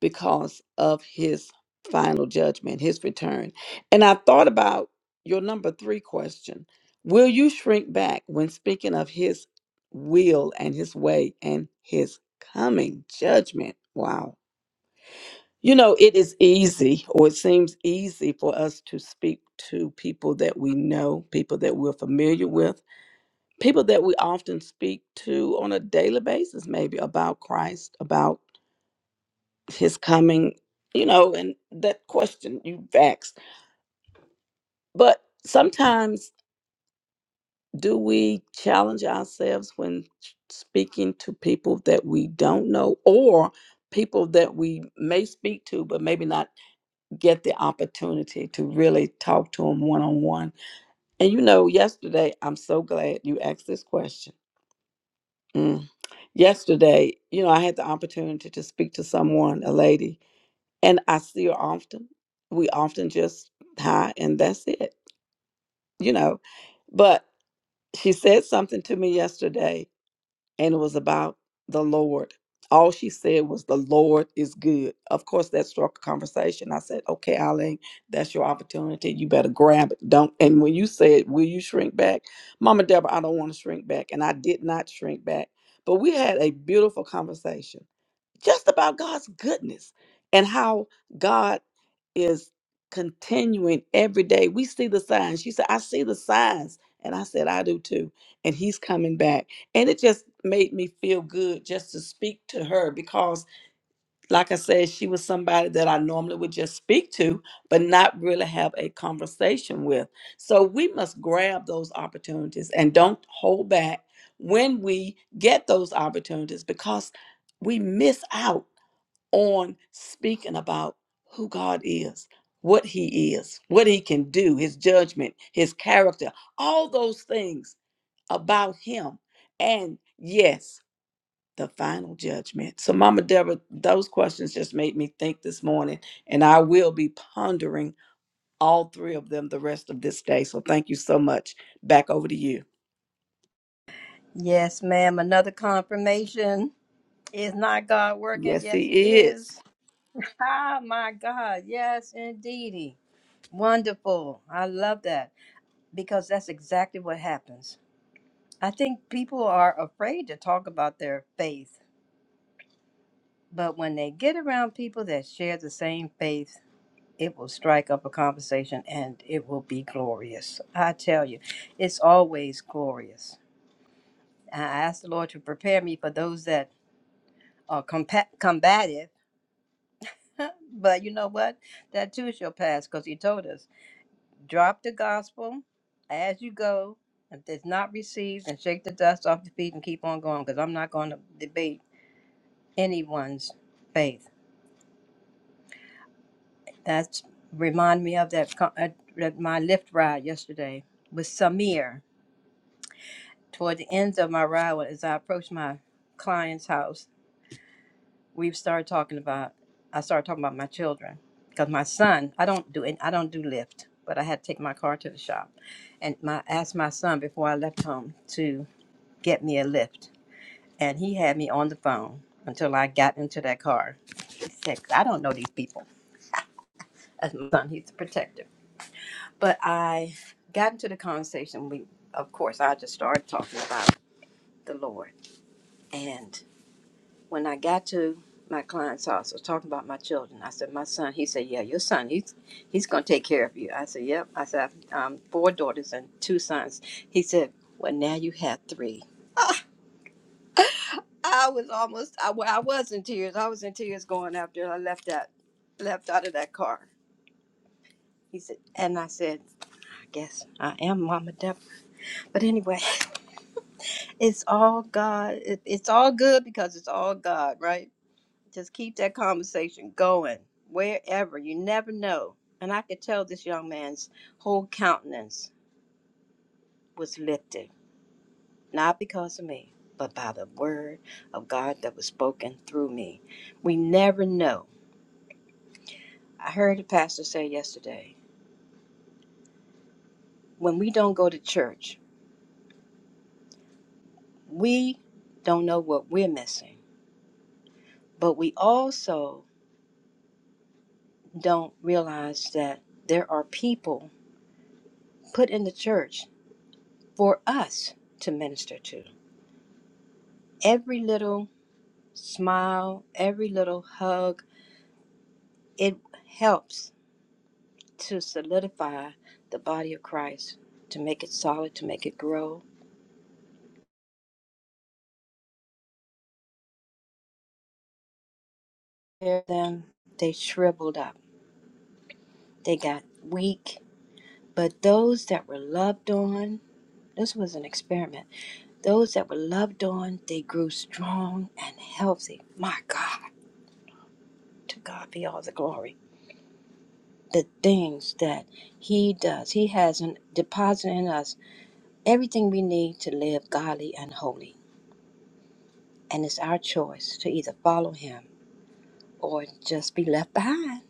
F: because of his final judgment, his return. And I thought about your number three question Will you shrink back when speaking of his will and his way and his coming judgment? Wow. You know, it is easy, or it seems easy for us to speak to people that we know, people that we're familiar with people that we often speak to on a daily basis, maybe about Christ, about his coming, you know, and that question you vexed. But sometimes do we challenge ourselves when speaking to people that we don't know or people that we may speak to but maybe not get the opportunity to really talk to them one on one. And you know, yesterday I'm so glad you asked this question. Mm. Yesterday, you know, I had the opportunity to speak to someone, a lady, and I see her often. We often just hi and that's it, you know. But she said something to me yesterday, and it was about the Lord. All she said was, The Lord is good. Of course, that struck a conversation. I said, Okay, Eileen, that's your opportunity. You better grab it. Don't. And when you said, Will you shrink back? Mama Deborah, I don't want to shrink back. And I did not shrink back. But we had a beautiful conversation just about God's goodness and how God is continuing every day. We see the signs. She said, I see the signs. And I said, I do too. And he's coming back. And it just made me feel good just to speak to her because, like I said, she was somebody that I normally would just speak to, but not really have a conversation with. So we must grab those opportunities and don't hold back when we get those opportunities because we miss out on speaking about who God is, what He is, what He can do, His judgment, His character, all those things about Him. And yes, the final judgment. So, Mama Deborah, those questions just made me think this morning, and I will be pondering all three of them the rest of this day. So, thank you so much. Back over to you.
D: Yes, ma'am. Another confirmation. Is not God working?
F: Yes,
D: Yes, He
F: He is.
D: is. Ah, my God. Yes, indeedy. Wonderful. I love that because that's exactly what happens I think people are afraid to talk about their faith, but when they get around people that share the same faith, it will strike up a conversation and it will be glorious. I tell you, it's always glorious. I ask the Lord to prepare me for those that are compa- combative. [laughs] but you know what? That too shall pass because He told us drop the gospel as you go. If it's not received, and shake the dust off your feet and keep on going because I'm not going to debate anyone's faith. That's remind me of that, co- uh, that my lift ride yesterday with Samir. Toward the end of my ride, when- as I approached my client's house, we started talking about. I started talking about my children because my son. I don't do it. I don't do lift, but I had to take my car to the shop, and my asked my son before I left home to get me a lift, and he had me on the phone until I got into that car. He said, "I don't know these people." As my son, he's a protector. But I got into the conversation. We, of course, I just started talking about the Lord. And when I got to my client's house, I was talking about my children. I said, "My son." He said, "Yeah, your son. He's he's gonna take care of you." I said, "Yep." I said, "I've um, four daughters and two sons." He said, "Well, now you have three." I was almost. I, wa- I was in tears. I was in tears going after I left that left out of that car. He said, and I said, "I guess I am Mama Deborah." But anyway. [laughs] It's all God. It, it's all good because it's all God, right? Just keep that conversation going wherever. You never know. And I could tell this young man's whole countenance was lifted, not because of me, but by the word of God that was spoken through me. We never know. I heard a pastor say yesterday when we don't go to church, we don't know what we're missing, but we also don't realize that there are people put in the church for us to minister to. Every little smile, every little hug, it helps to solidify the body of Christ, to make it solid, to make it grow. Then they shriveled up, they got weak. But those that were loved on, this was an experiment. Those that were loved on, they grew strong and healthy. My God, to God be all the glory. the things that He does. He has an deposit in us everything we need to live godly and holy. And it's our choice to either follow Him or just be left behind.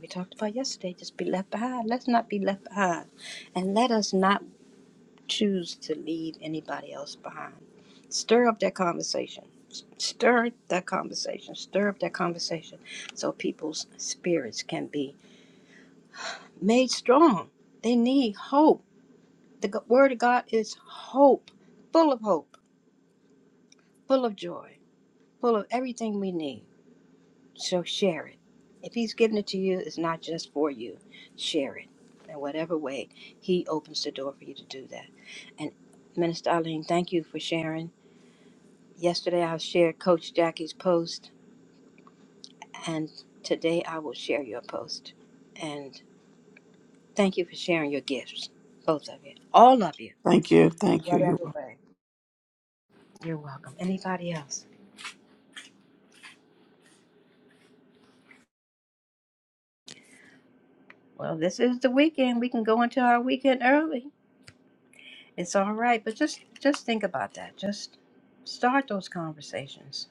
D: We talked about yesterday, just be left behind. Let's not be left behind. And let us not choose to leave anybody else behind. Stir up that conversation. S- Stir that conversation. Stir up that conversation so people's spirits can be made strong. They need hope The g- Word of God is hope, full of hope, full of joy, full of everything we need. So share it. If He's given it to you, it's not just for you. Share it in whatever way He opens the door for you to do that. And Minister Eileen, thank you for sharing. Yesterday I shared Coach Jackie's post, and today I will share your post. And thank you for sharing your gifts, both of you, all of you,
F: Thank you.
D: in
F: Thank you. You're
D: whatever
F: welcome.
D: way. You're welcome. Anybody else? Well, this is the weekend. We can go into our weekend early. It's all right, but just just think about that. Just start those conversations.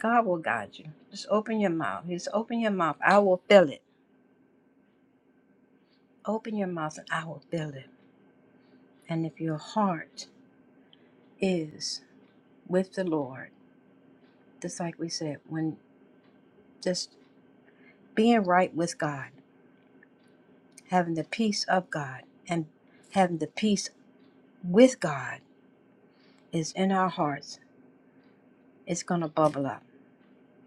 D: God will guide you. Just open your mouth. Just open your mouth. I will fill it. Open your mouth and I will fill it. And if your heart is with the Lord, just like we said, when just being right with God, having the peace of God and having the peace with God is in our hearts, it's going to bubble up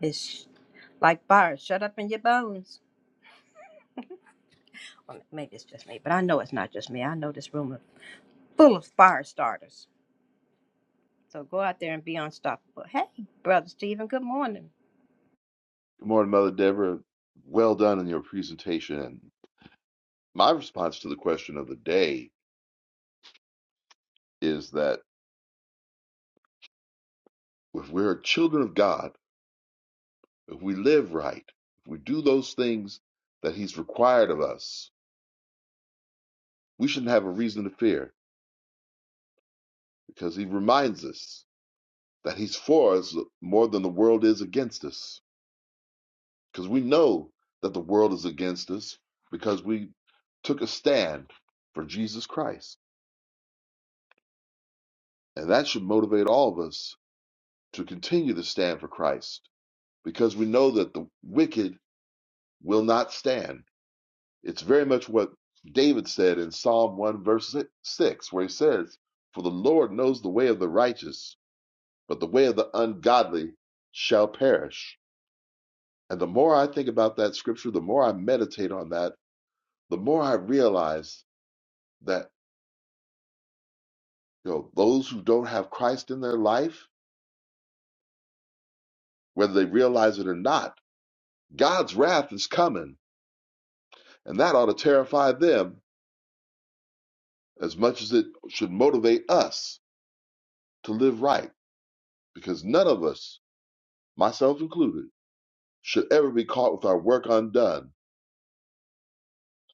D: It's like bars shut up in your bones. Well, maybe it's just me, but I know it's not just me. I know this room is full of fire starters. So go out there and be unstoppable. Hey, brother Stephen, good morning.
G: Good morning, Mother Deborah. Well done in your presentation. And my response to the question of the day is that if we're children of God, if we live right, if we do those things that He's required of us, we shouldn't have a reason to fear because He reminds us that He's for us more than the world is against us. Because we know that the world is against us because we took a stand for Jesus Christ. And that should motivate all of us to continue to stand for Christ because we know that the wicked will not stand. It's very much what David said in Psalm 1, verse si, 6, where he says, For the Lord knows the way of the righteous, but the way of the ungodly shall perish. And the more I think about that scripture, the more I meditate on that, the more I realize that you know those who don't have Christ in their life, whether they realize it or not, God's wrath is coming, and that ought to terrify them as much as it should motivate us to live right because none of us, myself included, should ever be caught with our work undone.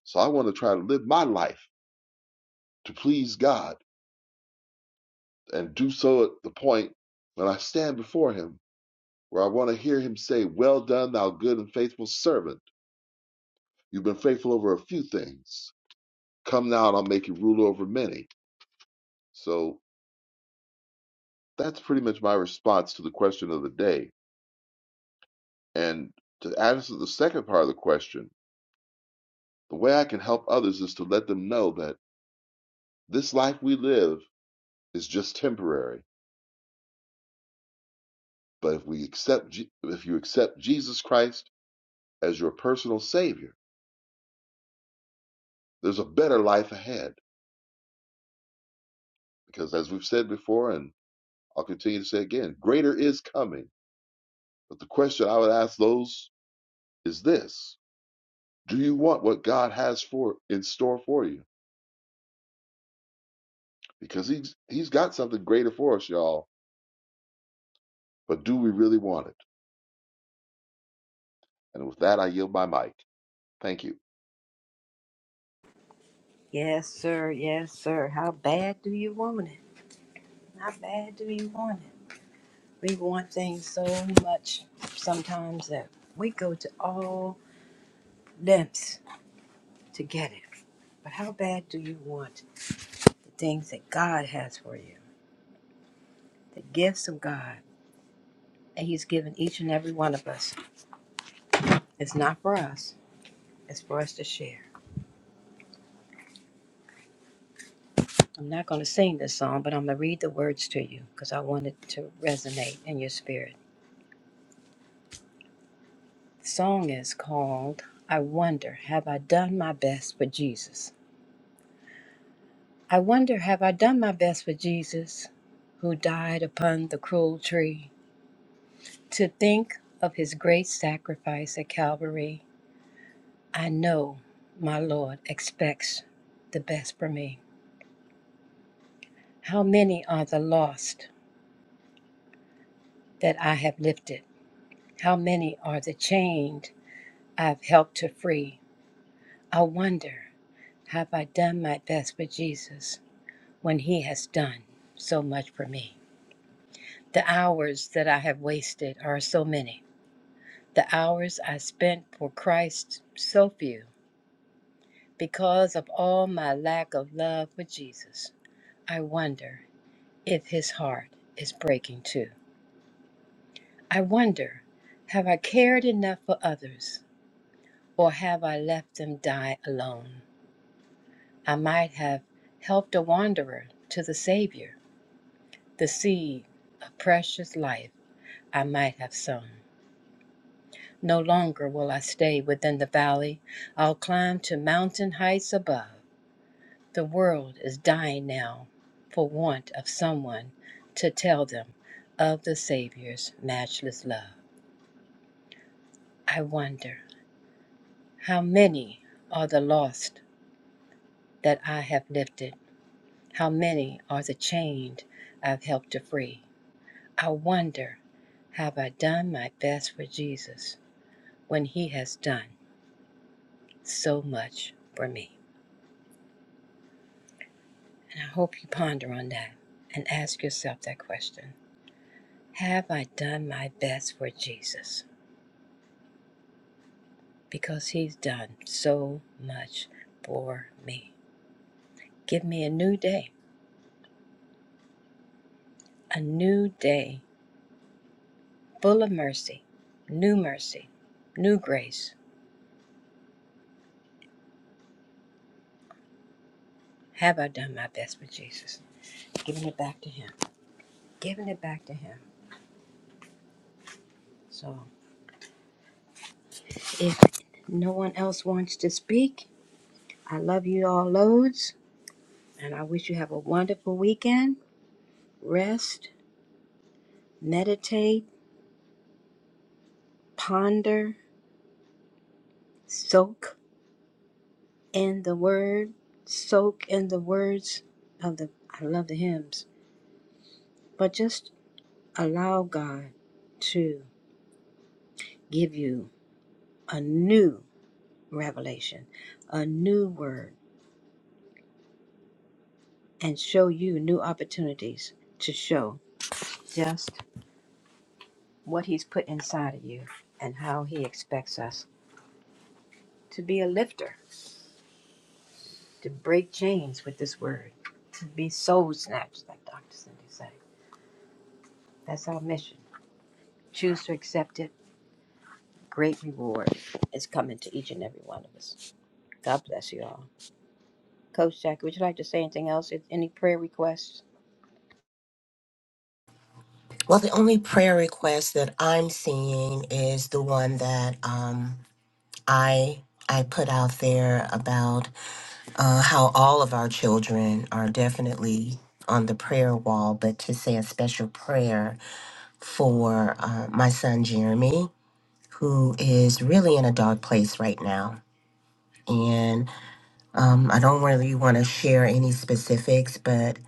G: So I want to try to live my life to please God and do so at the point when I stand before Him, where I want to hear Him say, Well done, thou good and faithful servant. You've been faithful over a few things. Come now and I'll make you ruler over many. So that's pretty much my response to the question of the day. And to answer the second part of the question, the way I can help others is to let them know that This life we live is just temporary, but if we accept if you accept Jesus Christ as your personal savior, there's a better life ahead because as we've said before and I'll continue to say again, greater is coming. But the question I would ask those is this, do you want what God has for in store for you? Because he's he's got something greater for us, y'all, but do we really want it? And with that I yield my mic. Thank you.
D: Yes, sir. Yes, sir. How bad do you want it? How bad do you want it? We want things so much sometimes that we go to all lengths to get it. But how bad do you want the things that God has for you? The gifts of God that He's given each and every one of us It's not for us, it's for us to share. I'm not going to sing this song, but I'm going to read the words to you because I want it to resonate in your spirit. The song is called I Wonder Have I Done My Best for Jesus? I wonder, have I done my best for Jesus who died upon the cruel tree? To think of his great sacrifice at Calvary, I know my Lord expects the best for me. How many are the lost that I have lifted? How many are the chained I've helped to free? I wonder, have I done my best for Jesus when He has done so much for me? The hours that I have wasted are so many. The hours I spent for Christ, so few, because of all my lack of love for Jesus. I wonder if His heart is breaking too. I wonder, have I cared enough for others, or have I left them die alone? I might have helped a wanderer to the Savior. The seed of precious life I might have sown. No longer will I stay within the valley. I'll climb to mountain heights above. The world is dying now for want of someone to tell them of the Savior's matchless love. I wonder how many are the lost that I have lifted, how many are the chained I've helped to free. I wonder, have I done my best for Jesus when He has done so much for me? And I hope you ponder on that and ask yourself that question Have I done my best for Jesus? Because He's done so much for me. Give me a new day, a new day full of mercy, new mercy, new grace. Have I done my best for Jesus? Giving it back to Him. Giving it back to Him. So. If no one else wants to speak, I love you all loads and I wish you have a wonderful weekend. Rest, meditate, ponder, soak in the word, soak in the words of the I love the hymns, but just allow God to give you a new revelation, a new word and show you new opportunities to show. Just. what He's put inside of you and how He expects us to be a lifter, to break chains with this word, to be soul snatchers, like Dr. Cindy said. That's our mission. Choose to accept it. Great reward is coming to each and every one of us. God bless you all. Coach Jackie, would you like to say anything else? Any prayer requests?
C: Well, the only prayer request that I'm seeing is the one that. um, I I put out there about uh, how all of our children are definitely on the prayer wall, but to say a special prayer for uh, my son Jeremy, who is really in a dark place right now. And um, I don't really want to share any specifics, but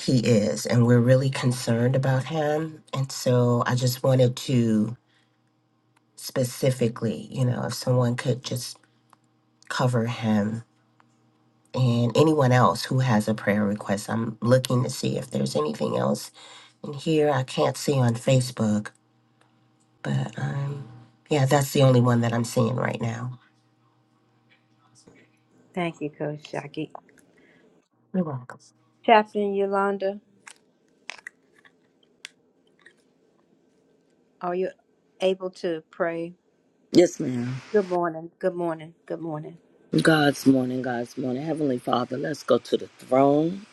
C: he is, and we're really concerned about him. And so I just wanted to specifically, you know, if someone could just cover him and anyone else who has a prayer request. I'm looking to see if there's anything else in here I can't see on Facebook, but um, yeah, that's the only one that I'm seeing right now.
D: Thank you, Coach Jackie.
C: You're welcome.
D: Chaplain Yolanda, are you able to pray?
H: Yes, ma'am.
D: Good morning. Good morning. Good morning.
H: God's morning, God's morning. Heavenly Father, let's go to the throne.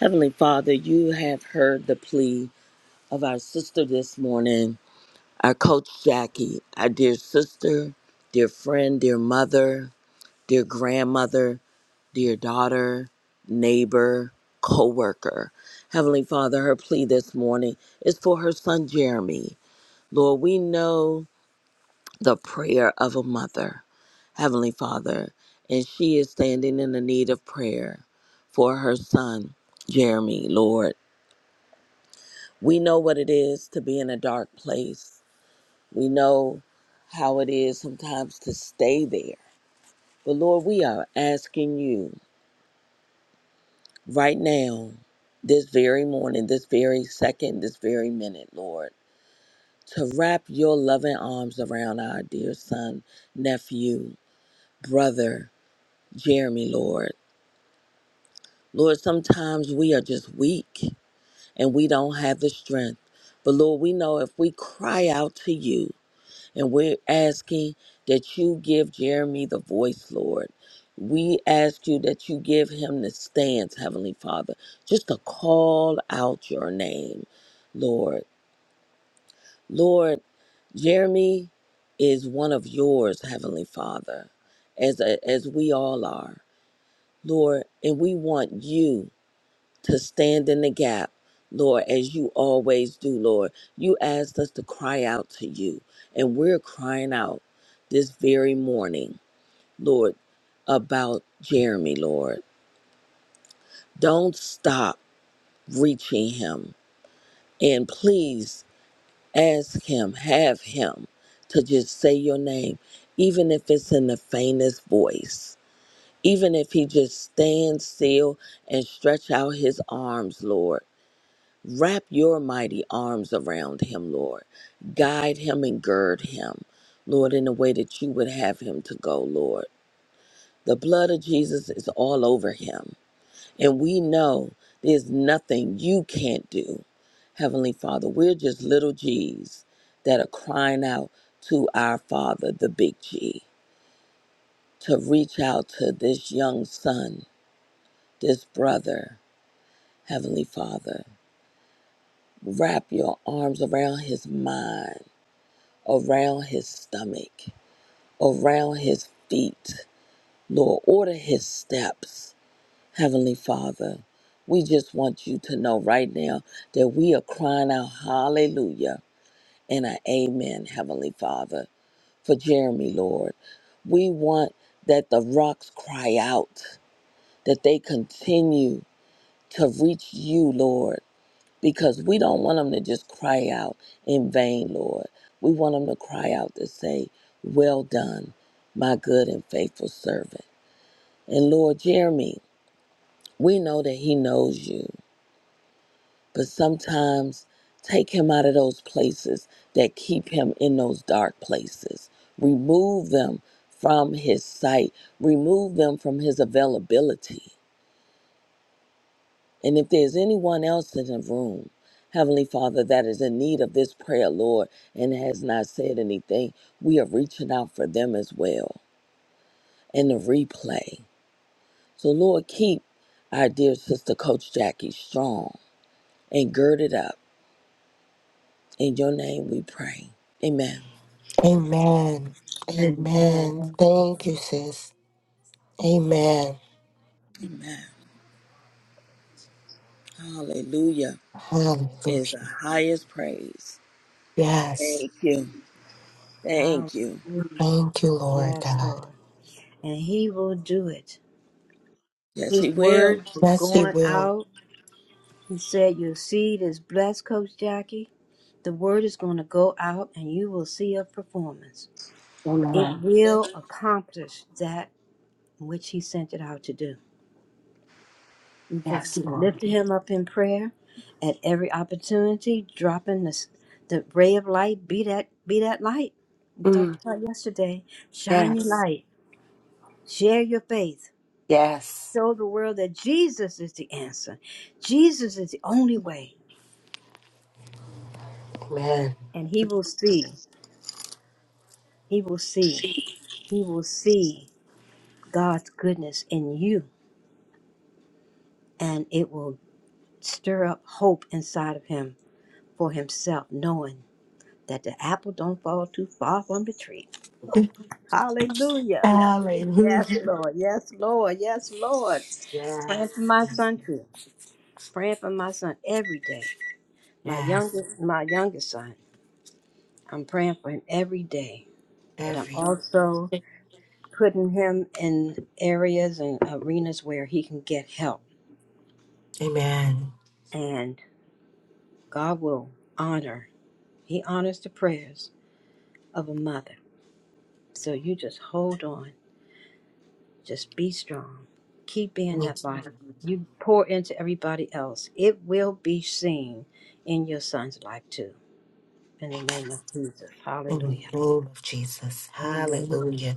H: Heavenly Father, you have heard the plea of our sister this morning, our coach Jackie, our dear sister, dear friend, dear mother, dear grandmother, dear daughter, neighbor, co worker. Heavenly Father, her plea this morning is for her son Jeremy. Lord, we know the prayer of a mother. Heavenly Father, and she is standing in the need of prayer for her son, Jeremy, Lord. We know what it is to be in a dark place. We know how it is sometimes to stay there. But Lord, we are asking you right now, this very morning, this very second, this very minute, Lord, to wrap your loving arms around our dear son, nephew, brother, Jeremy, Lord. Lord, sometimes we are just weak. and we don't have the strength. But Lord, we know if we cry out to you and we're asking that you give Jeremy the voice, Lord. We ask you that you give him the stance, Heavenly Father, just to call out your name, Lord. Lord, Jeremy is one of yours, Heavenly Father, as, as we all are, Lord, and we want you to stand in the gap, Lord, as you always do, Lord. You asked us to cry out to you, and we're crying out this very morning, Lord, about Jeremy, Lord. Don't stop reaching him, and please ask him, have him to just say your name, even if it's in the faintest voice. Even if he just stands still and stretch out his arms, Lord, Wrap your mighty arms around him, Lord. Guide him and gird him, Lord, in the way that you would have him to go, Lord. The blood of Jesus is all over him. And we know there's nothing you can't do. Heavenly Father, we're just little G's that are crying out to our Father, the big G, to reach out to this young son, this brother. Heavenly Father, wrap your arms around his mind around his stomach, around his feet. Lord, order his steps. Heavenly Father, we just want you to know right now that we are crying out hallelujah and an amen, Heavenly Father, for Jeremy, Lord. We want that the rocks cry out, that they continue to reach you, Lord because we don't want them to just cry out in vain, Lord. We want them to cry out to say, Well done, my good and faithful servant. And Lord Jeremy, we know that he knows you, but sometimes take him out of those places that keep him in those dark places. Remove them from his sight, remove them from his availability And if there's anyone else in the room, Heavenly Father, that is in need of this prayer, Lord, and has not said anything, we are reaching out for them as well in the replay. So, Lord, keep our dear sister, Coach Jackie, strong and girded up. In your name we pray. Amen.
C: Amen.
D: Amen.
C: Amen.
D: Amen.
C: Thank you, sis. Amen.
H: Amen. Hallelujah is
C: Hallelujah.
H: the highest praise.
C: Yes.
H: Thank you. Thank you.
D: Hallelujah.
C: Thank you, Lord
D: Yes,
C: God.
D: Lord. and he will do it.
H: Yes,
D: His
H: He will.
D: word was
C: Yes, He
D: going
C: will.
D: out. He said, Your seed is blessed, Coach Jackie. The word is going to go out and you will see a performance. It
C: Amen.
D: will accomplish that which he sent it out to do. You just
C: Yes,
D: keep
C: Lord.
D: lifting him up in prayer at every opportunity, dropping the, the ray of light. Be that, be that light. We talked
C: Mm,
D: about yesterday. Shine your
C: yes.
D: light. Share your faith.
C: Yes.
D: show the world that Jesus is the answer. Jesus is the only way.
C: Amen.
D: And he will see, he will see, he will see God's goodness in you. And it will stir up hope inside of him for himself, knowing that the apple don't fall too far from the tree.
C: [laughs]
D: Hallelujah. Yes,
C: Hallelujah.
D: Lord. Yes, Lord. Yes, Lord. Praying for
C: Yes.
D: my
C: Yes.
D: son too. Praying for my son every day. My
C: Yes.
D: youngest, my youngest son. I'm praying for him every day but I'm
C: Every
D: also
C: day.
D: putting him in areas and arenas where he can get help.
C: Amen.
D: And God will honor, He honors the prayers of a mother. So you just hold on, just be strong, keep
C: In
D: being
C: the
D: that light. You pour into everybody else, it will be seen in your son's life too. In the name of Jesus.
C: name
D: Hallelujah.
C: of Jesus.
D: Amen.
C: Hallelujah.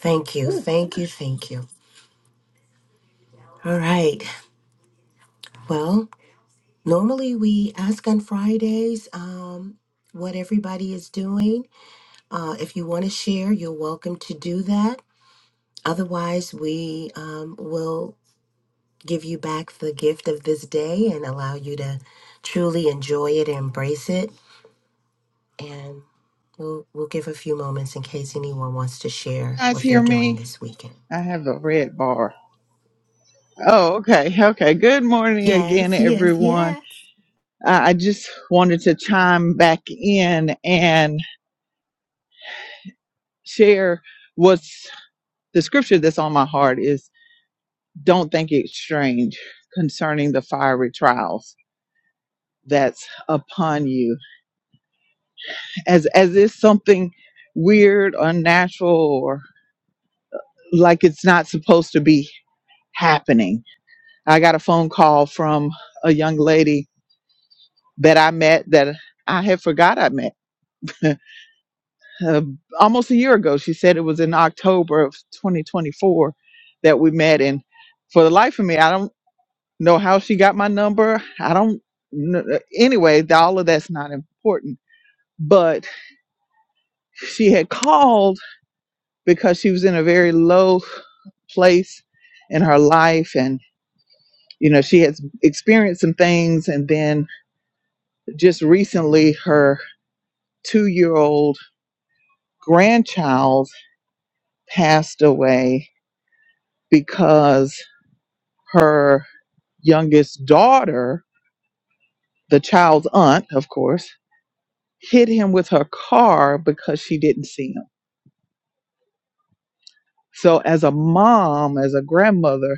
C: Thank you.
D: Whew.
C: Thank you. Thank you. All right. Well, normally we ask on Fridays um, what everybody is doing. Uh, if you want to share, you're welcome to do that. Otherwise, we um, will give you back the gift of this day and allow you to truly enjoy it and embrace it. We'll, we'll give a few moments in case anyone wants to share what
A: Hear
C: they're doing
A: me?
C: this weekend.
A: I have a red bar. Oh, okay. Okay. Good morning again,
C: Yes, yes,
A: everyone.
C: yes.
A: Uh, I just wanted to chime back in and share what's the scripture that's on my heart is don't think it's strange concerning the fiery trials that's upon you as as if something weird, unnatural, or like it's not supposed to be happening. I got a phone call from a young lady that I met that I had forgot I met [laughs] uh, almost a year ago. She said it was in October of 2024 that we met, and for the life of me, I don't know how she got my number. I don't. kn- uh, Anyway, all of that's not important. But she had called because she was in a very low place in her life and you know she has experienced some things and then just recently her 2-year-old grandchild passed away because her youngest daughter the child's aunt of course hit him with her car because she didn't see him so as a mom as a grandmother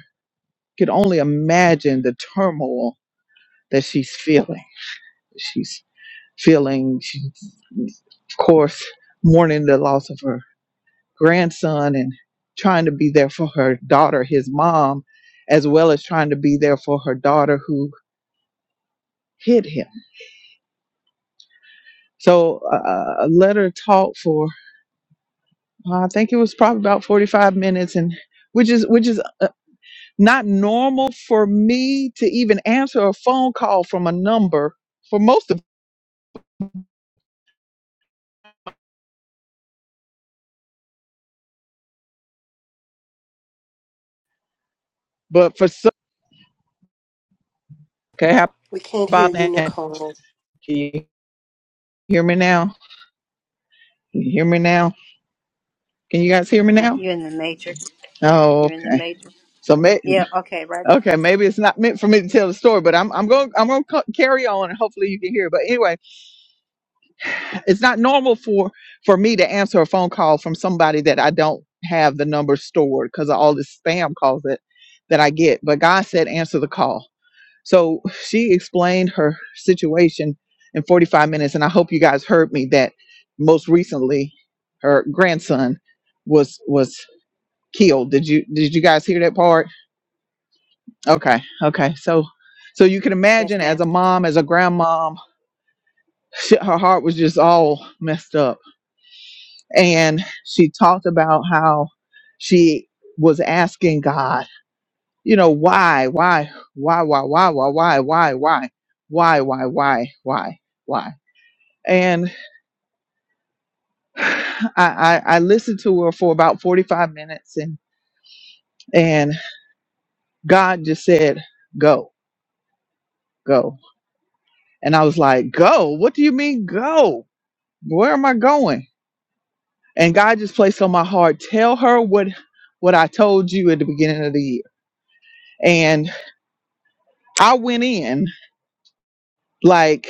A: could only imagine the turmoil that she's feeling She's. feeling, she, of course, mourning the loss of her grandson and trying to be there for her daughter, his mom, as well as trying to be there for her daughter who hit him. So uh, a letter talk for uh, I think it was probably about 45 minutes and which is which is uh, not normal for me to even answer a phone call from a number for most of but for some okay how
C: We can't hear
A: about
C: you,
A: now can
C: Nicole.
A: you hear me now can you hear me now Can you guys hear me
D: Uh,
A: now?
D: You're in the matrix.
A: Oh,
D: You're in the
A: okay.
D: matrix.
A: So may,
D: Yeah, okay, right.
A: okay, maybe it's not meant for me to tell the story, but I'm I'm going I'm going to carry on and hopefully you can hear. But anyway, it's not normal for for me to answer a phone call from somebody that I don't have the number stored because of all this spam calls that that I get. But God said answer the call. So she explained her situation in 45 minutes, and I hope you guys heard me that most recently her grandson was was killed. Did you did you guys hear that part? Okay. Okay. So, so you can
D: Yes,
A: imagine
D: ma'am.
A: as a mom, as a grandmom, she, her heart was just all messed up. And she talked about how she was asking God, you know, why, why, why, why, why, why, why, why, why, why, why, why, why, why. And [sighs] I, I, I listened to her for about 45 minutes and, and God just said, go, go. And I was like, go, what do you mean go? Where am I going? and God just placed on my heart, tell her what what I told you at the beginning of the year. And I went in like,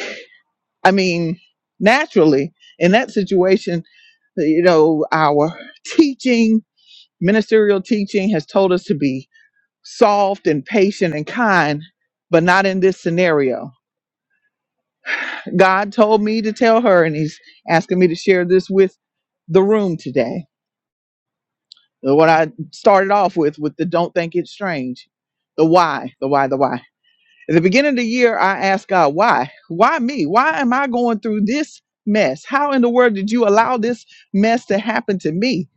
A: I mean, naturally in that situation, you know, our teaching, ministerial teaching has told us to be soft and patient and kind, but not in this scenario. God told me to tell her, and He's asking me to share this with the room today Uh, What I started off with, with the don't think it's strange, the why, the why, the why. At the beginning of the year, I asked God, why? Why me? Why am I going through this mess? How in the world did you allow this mess to happen to me?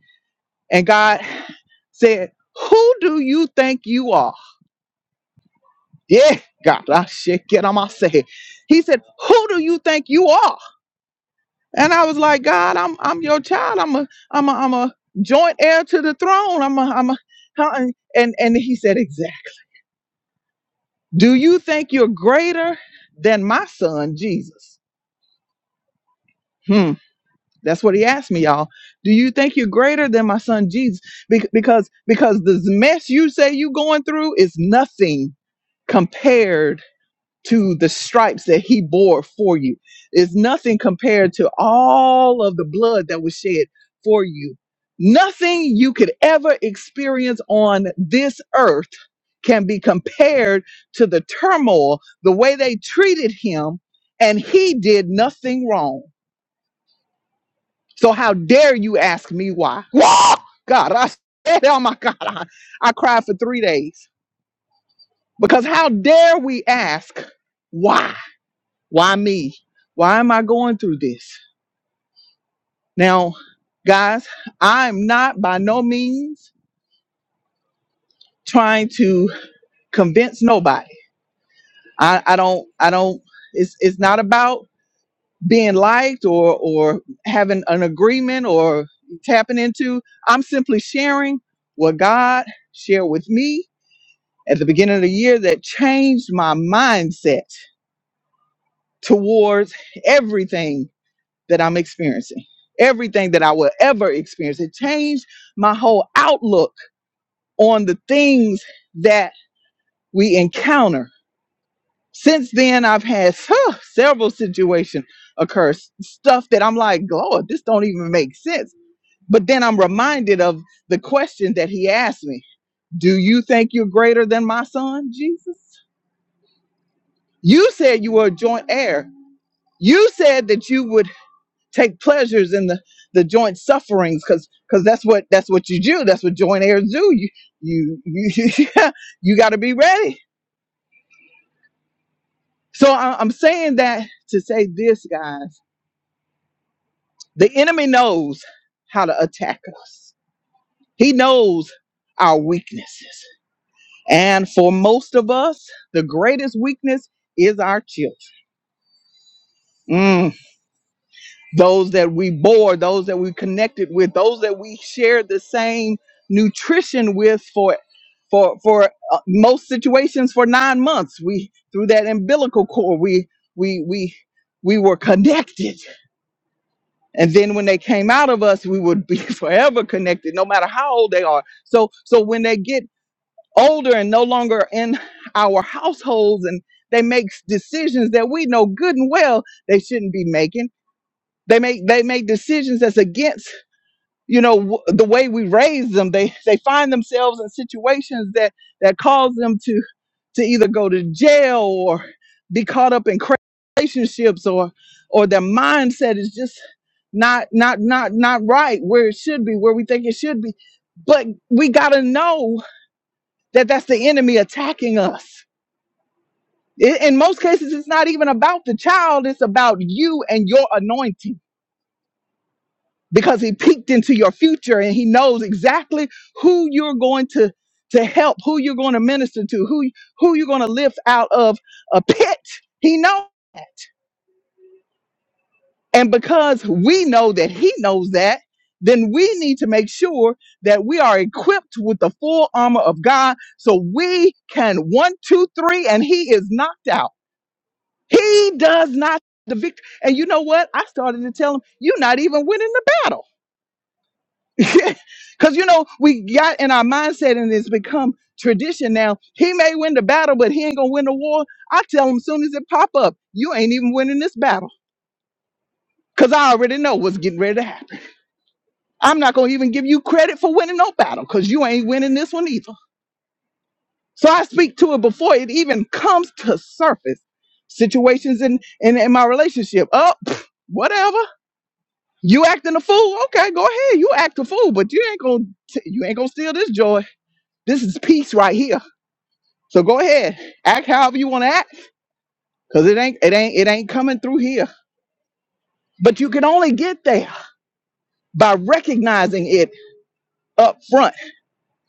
A: And God [sighs] said, Who do you think you are? Yeah, God, I shit get on my say. He said, Who do you think you are? And I was like, God, I'm I'm your child. I'm a I'm a I'm a joint heir to the throne. I'm a I'm a huh?" and and he said Exactly. Do you think you're greater than my son, Jesus? Hmm. That's what he asked me, y'all. Do you think you're greater than my son, Jesus? Bec- because, because this mess you say you going through is nothing compared to the stripes that he bore for you. Is nothing compared to all of the blood that was shed for you. Nothing you could ever experience on this earth can be compared to the turmoil, the way they treated him, and he did nothing wrong. So how dare you ask me why? Wah! God, I said, oh my God, I, I cried for three days because how dare we ask why? Why me? Why am I going through this? Now, guys, I'm not by no means trying to convince nobody. I, I don't, I don't, it's, it's not about being liked or, or having an agreement or tapping into. I'm simply sharing what God shared with me at the beginning of the year that changed my mindset towards everything that I'm experiencing, everything that I will ever experience. It changed my whole outlook on the things that we encounter. Since then, I've had huh, several situations occur, s- stuff that I'm like, Lord, this don't even make sense. But then I'm reminded of the question that he asked me Do you think you're greater than my son, Jesus? You said you were a joint heir. You said that you would take pleasures in the the joint sufferings because because that's what that's what you do that's what joint heirs do you you you [laughs] you got to be ready so I, i'm saying that to say this guys the enemy knows how to attack us he knows our weaknesses and for most of us the greatest weakness is our children Mm. those that we bore, those that we connected with, those that we shared the same nutrition with for for for uh, most situations for 9 months. We through that umbilical cord, we we we we were connected. And then when they came out of us, we would be [laughs] forever connected no matter how old they are. So so when they get older and no longer in our households and they make decisions that we know good and well they shouldn't be making they make they make decisions that's against you know w- the way we raise them they they find themselves in situations that that cause them to to either go to jail or be caught up in cra- relationships or or their mindset is just not not not not right where it should be where we think it should be but we got to know that that's the enemy attacking us I- in most cases it's not even about the child it's about you and your anointing because he peeked into your future and he knows exactly who you're going to to help, who you're going to minister to, who who you're going to lift out of a pit. He knows. And because we know that he knows that, then we need to make sure that we are equipped with the full armor of God so we can one, two, three, and he is knocked out. He does not the victory. And you know what? I started to tell him, you're not even winning the battle Because, you know, we got in our mindset and it's become tradition now. He may win the battle, but he ain't going to win the war. I tell him soon as it pop up, you ain't even winning this battle. Because I already know what's getting ready to happen. I'm not going to even give you credit for winning no battle because you ain't winning this one either. So I speak to it before it even comes to surface. Situations in, in, in my relationship. Oh, pff, whatever. You acting a fool? Okay, go ahead. You act a fool, but you ain't gonna you ain't gonna steal this joy. This is peace right here So go ahead, act however you want to act, because it ain't it ain't it ain't coming through here. But you can only get there by recognizing it up front.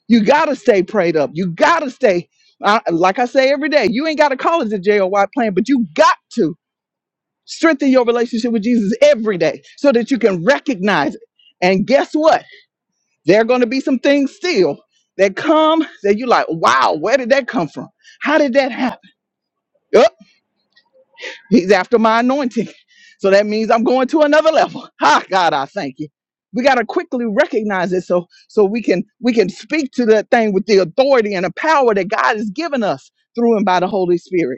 A: You gotta stay prayed up. You gotta stay, I, like I say every day. You ain't got to call it the JOY plan, but you got to strengthen your relationship with Jesus every day so that you can recognize it. And guess what? There are going to be some things still that come that you like. Wow, where did that come from? How did that happen? Yup. He's after my anointing. So that means I'm going to another level. [laughs] Ha, God, I thank you. We got to quickly recognize it so so we can we can speak to that thing with the authority and the power that God has given us through and by the Holy Spirit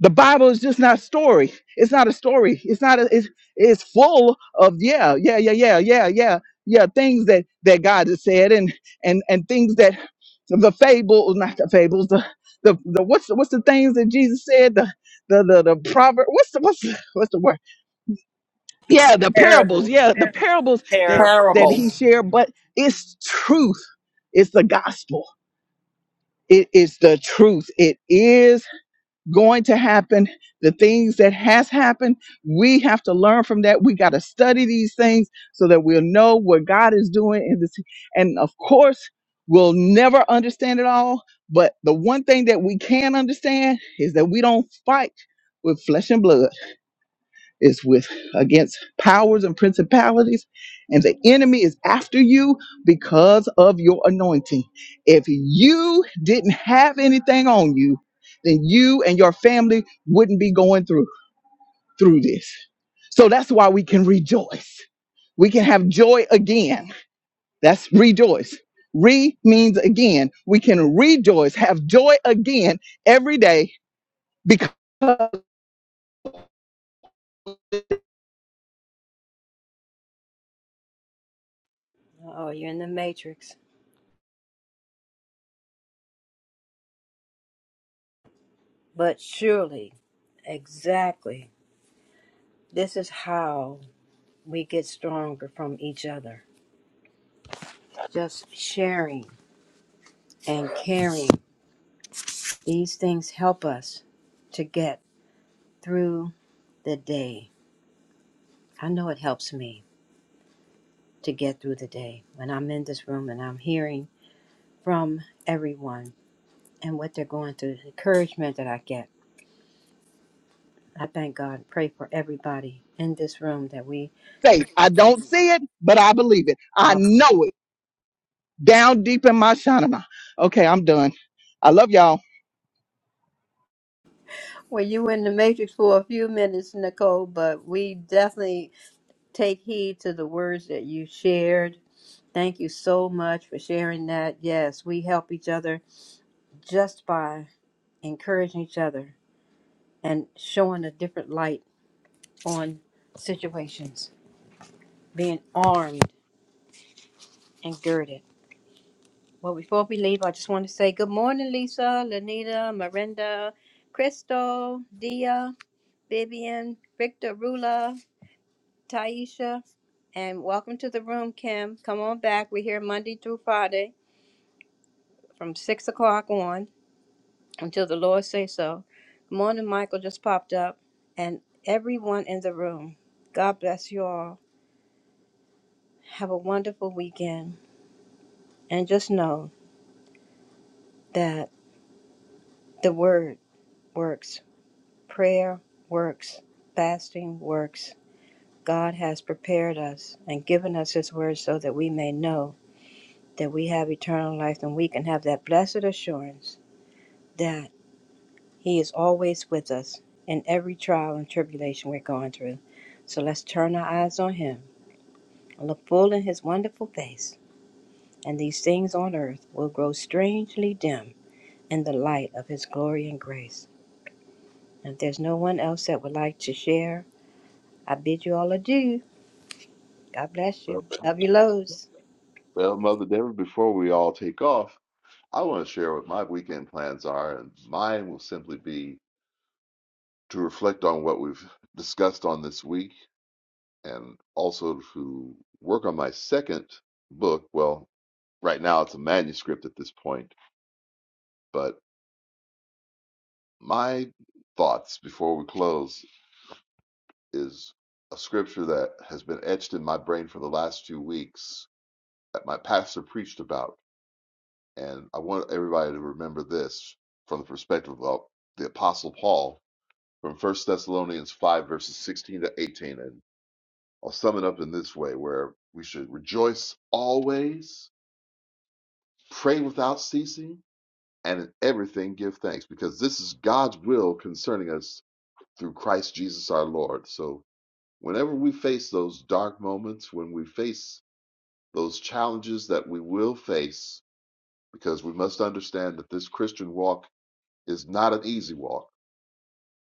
A: the Bible is just not story. It's not a story. It's not a, it's it's full of yeah, yeah, yeah, yeah, yeah, yeah, yeah, things that that God has said and and and things that the fables, not the fables, the the, the what's the, what's the things that Jesus said the the the, the proverb what's the what's the, what's the word yeah the parables
D: Terrible.
A: yeah the parables that
D: Terrible.
A: that
F: Parable.
A: he shared but it's truth it's the gospel it is the truth it is going to happen the things that has happened we have to learn from that we got to study these things so that we'll know what god is doing in this and of course we'll never understand it all but the one thing that we can understand is that we don't fight with flesh and blood is with against powers and principalities and the enemy is after you because of your anointing if you didn't have anything on you then you and your family wouldn't be going through through this so that's why we can rejoice we can have joy again that's rejoice re means again we can rejoice have joy again every day because of
D: Oh, you're in the matrix. But surely, exactly, this is how we get stronger from each other. Just sharing and caring. These things help us to get through the day. I know it helps me to get through the day when I'm in this room and I'm hearing from everyone and what they're going through, the encouragement that I get. I thank God, pray for everybody in this room that we
A: faith
D: just.
A: i don't see it but i believe it i know it down deep in my shanama. Okay, I'm done. I love y'all.
D: Well, you were in the matrix for a few minutes, Nicole, but we definitely take heed to the words that you shared. Thank you so much for sharing that. Yes, we help each other just by encouraging each other and showing a different light on situations, being armed and girded. Well, before we leave, I just want to say good morning, Lisa, Lanita, Miranda, Crystal, Dia, Vivian, Victor, Rula. Taisha, and welcome to the room, Kim. Come on back. We're here Monday through Friday from 6 o'clock on until the Lord say so. Good morning, Michael just popped up, and everyone in the room. God bless you all. Have a wonderful weekend, and just know that the word works, prayer works, fasting works. God has prepared us and given us His word so that we may know that we have eternal life and we can have that blessed assurance that He is always with us in every trial and tribulation we're going through. So let's turn our eyes on Him, look full in His wonderful face, and these things on earth will grow strangely dim in the light of His glory and grace. And if there's no one else that would like to share, I bid you all adieu. God bless you.
G: Well,
D: Love you loads.
G: well Mother Deborah, before we all take off, I want to share what my weekend plans are, and mine will simply be to reflect on what we've discussed on this week and also to work on my second book. Well, right now it's a manuscript at this point, but my thoughts before we close is a scripture that has been etched in my brain for the last few weeks that my pastor preached about. And I want everybody to remember this from the perspective of the Apostle Paul from First Thessalonians 5, verses 16 to 18. And I'll sum it up in this way where we should rejoice always, pray without ceasing, and in everything give thanks, because this is God's will concerning us through Christ Jesus our Lord. So whenever we face those dark moments, when we face those challenges that we will face, because we must understand that this Christian walk is not an easy walk,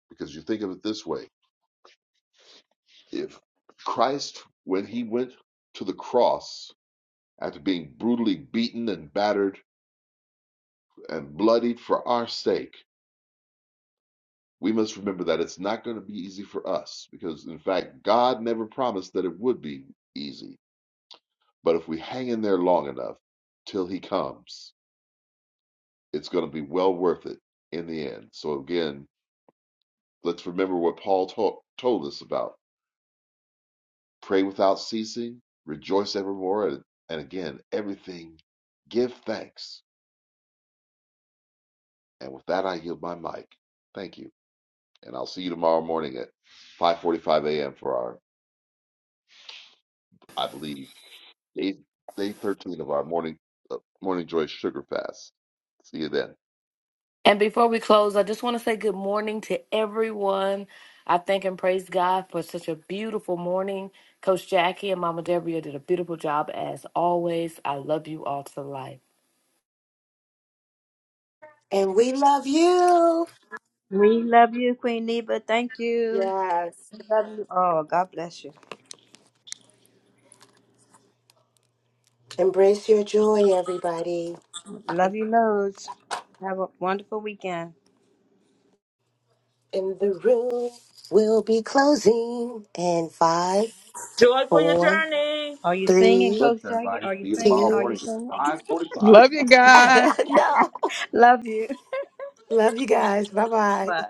G: because you think of it this way If Christ, when he went to the cross, after being brutally beaten and battered and bloodied for our sake, we must remember that it's not going to be easy for us because, in fact, God never promised that it would be easy. But if we hang in there long enough till he comes, it's going to be well worth it in the end. So, again, let's remember what Paul to- told us about pray without ceasing, rejoice evermore, and, and again, everything give thanks And with that, I yield my mic. Thank you. And I'll see you tomorrow morning at 5:45 a.m. for our, I believe, day, day 13 of our morning uh, morning joy sugar fast. See you then.
I: And before we close, I just want to say good morning to everyone. I thank and praise God for such a beautiful morning. Coach Jackie and Mama Deborah did a beautiful job as always. I love you all to life.
C: And we love you.
D: We love you, Queen Neva. Thank you.
C: Yes.
D: Love you all. God bless you.
C: Embrace your joy, everybody.
D: Love you loads. Have a wonderful weekend.
C: In the room, we'll be closing in five,
H: Joy for your
C: four,
H: journey.
D: Are you
G: Be
D: singing,
C: three,
G: blessed,
D: Coach Jackie?
G: everybody.
D: Are you
G: See you
D: singing?
G: tomorrow
D: Are you
C: two.
G: morning
D: singing?
G: at
A: Love
G: 5:45.
A: you
C: [laughs]
A: guys.
C: no.
D: [laughs] Love you.
C: Love you guys. Bye bye.
D: Bye.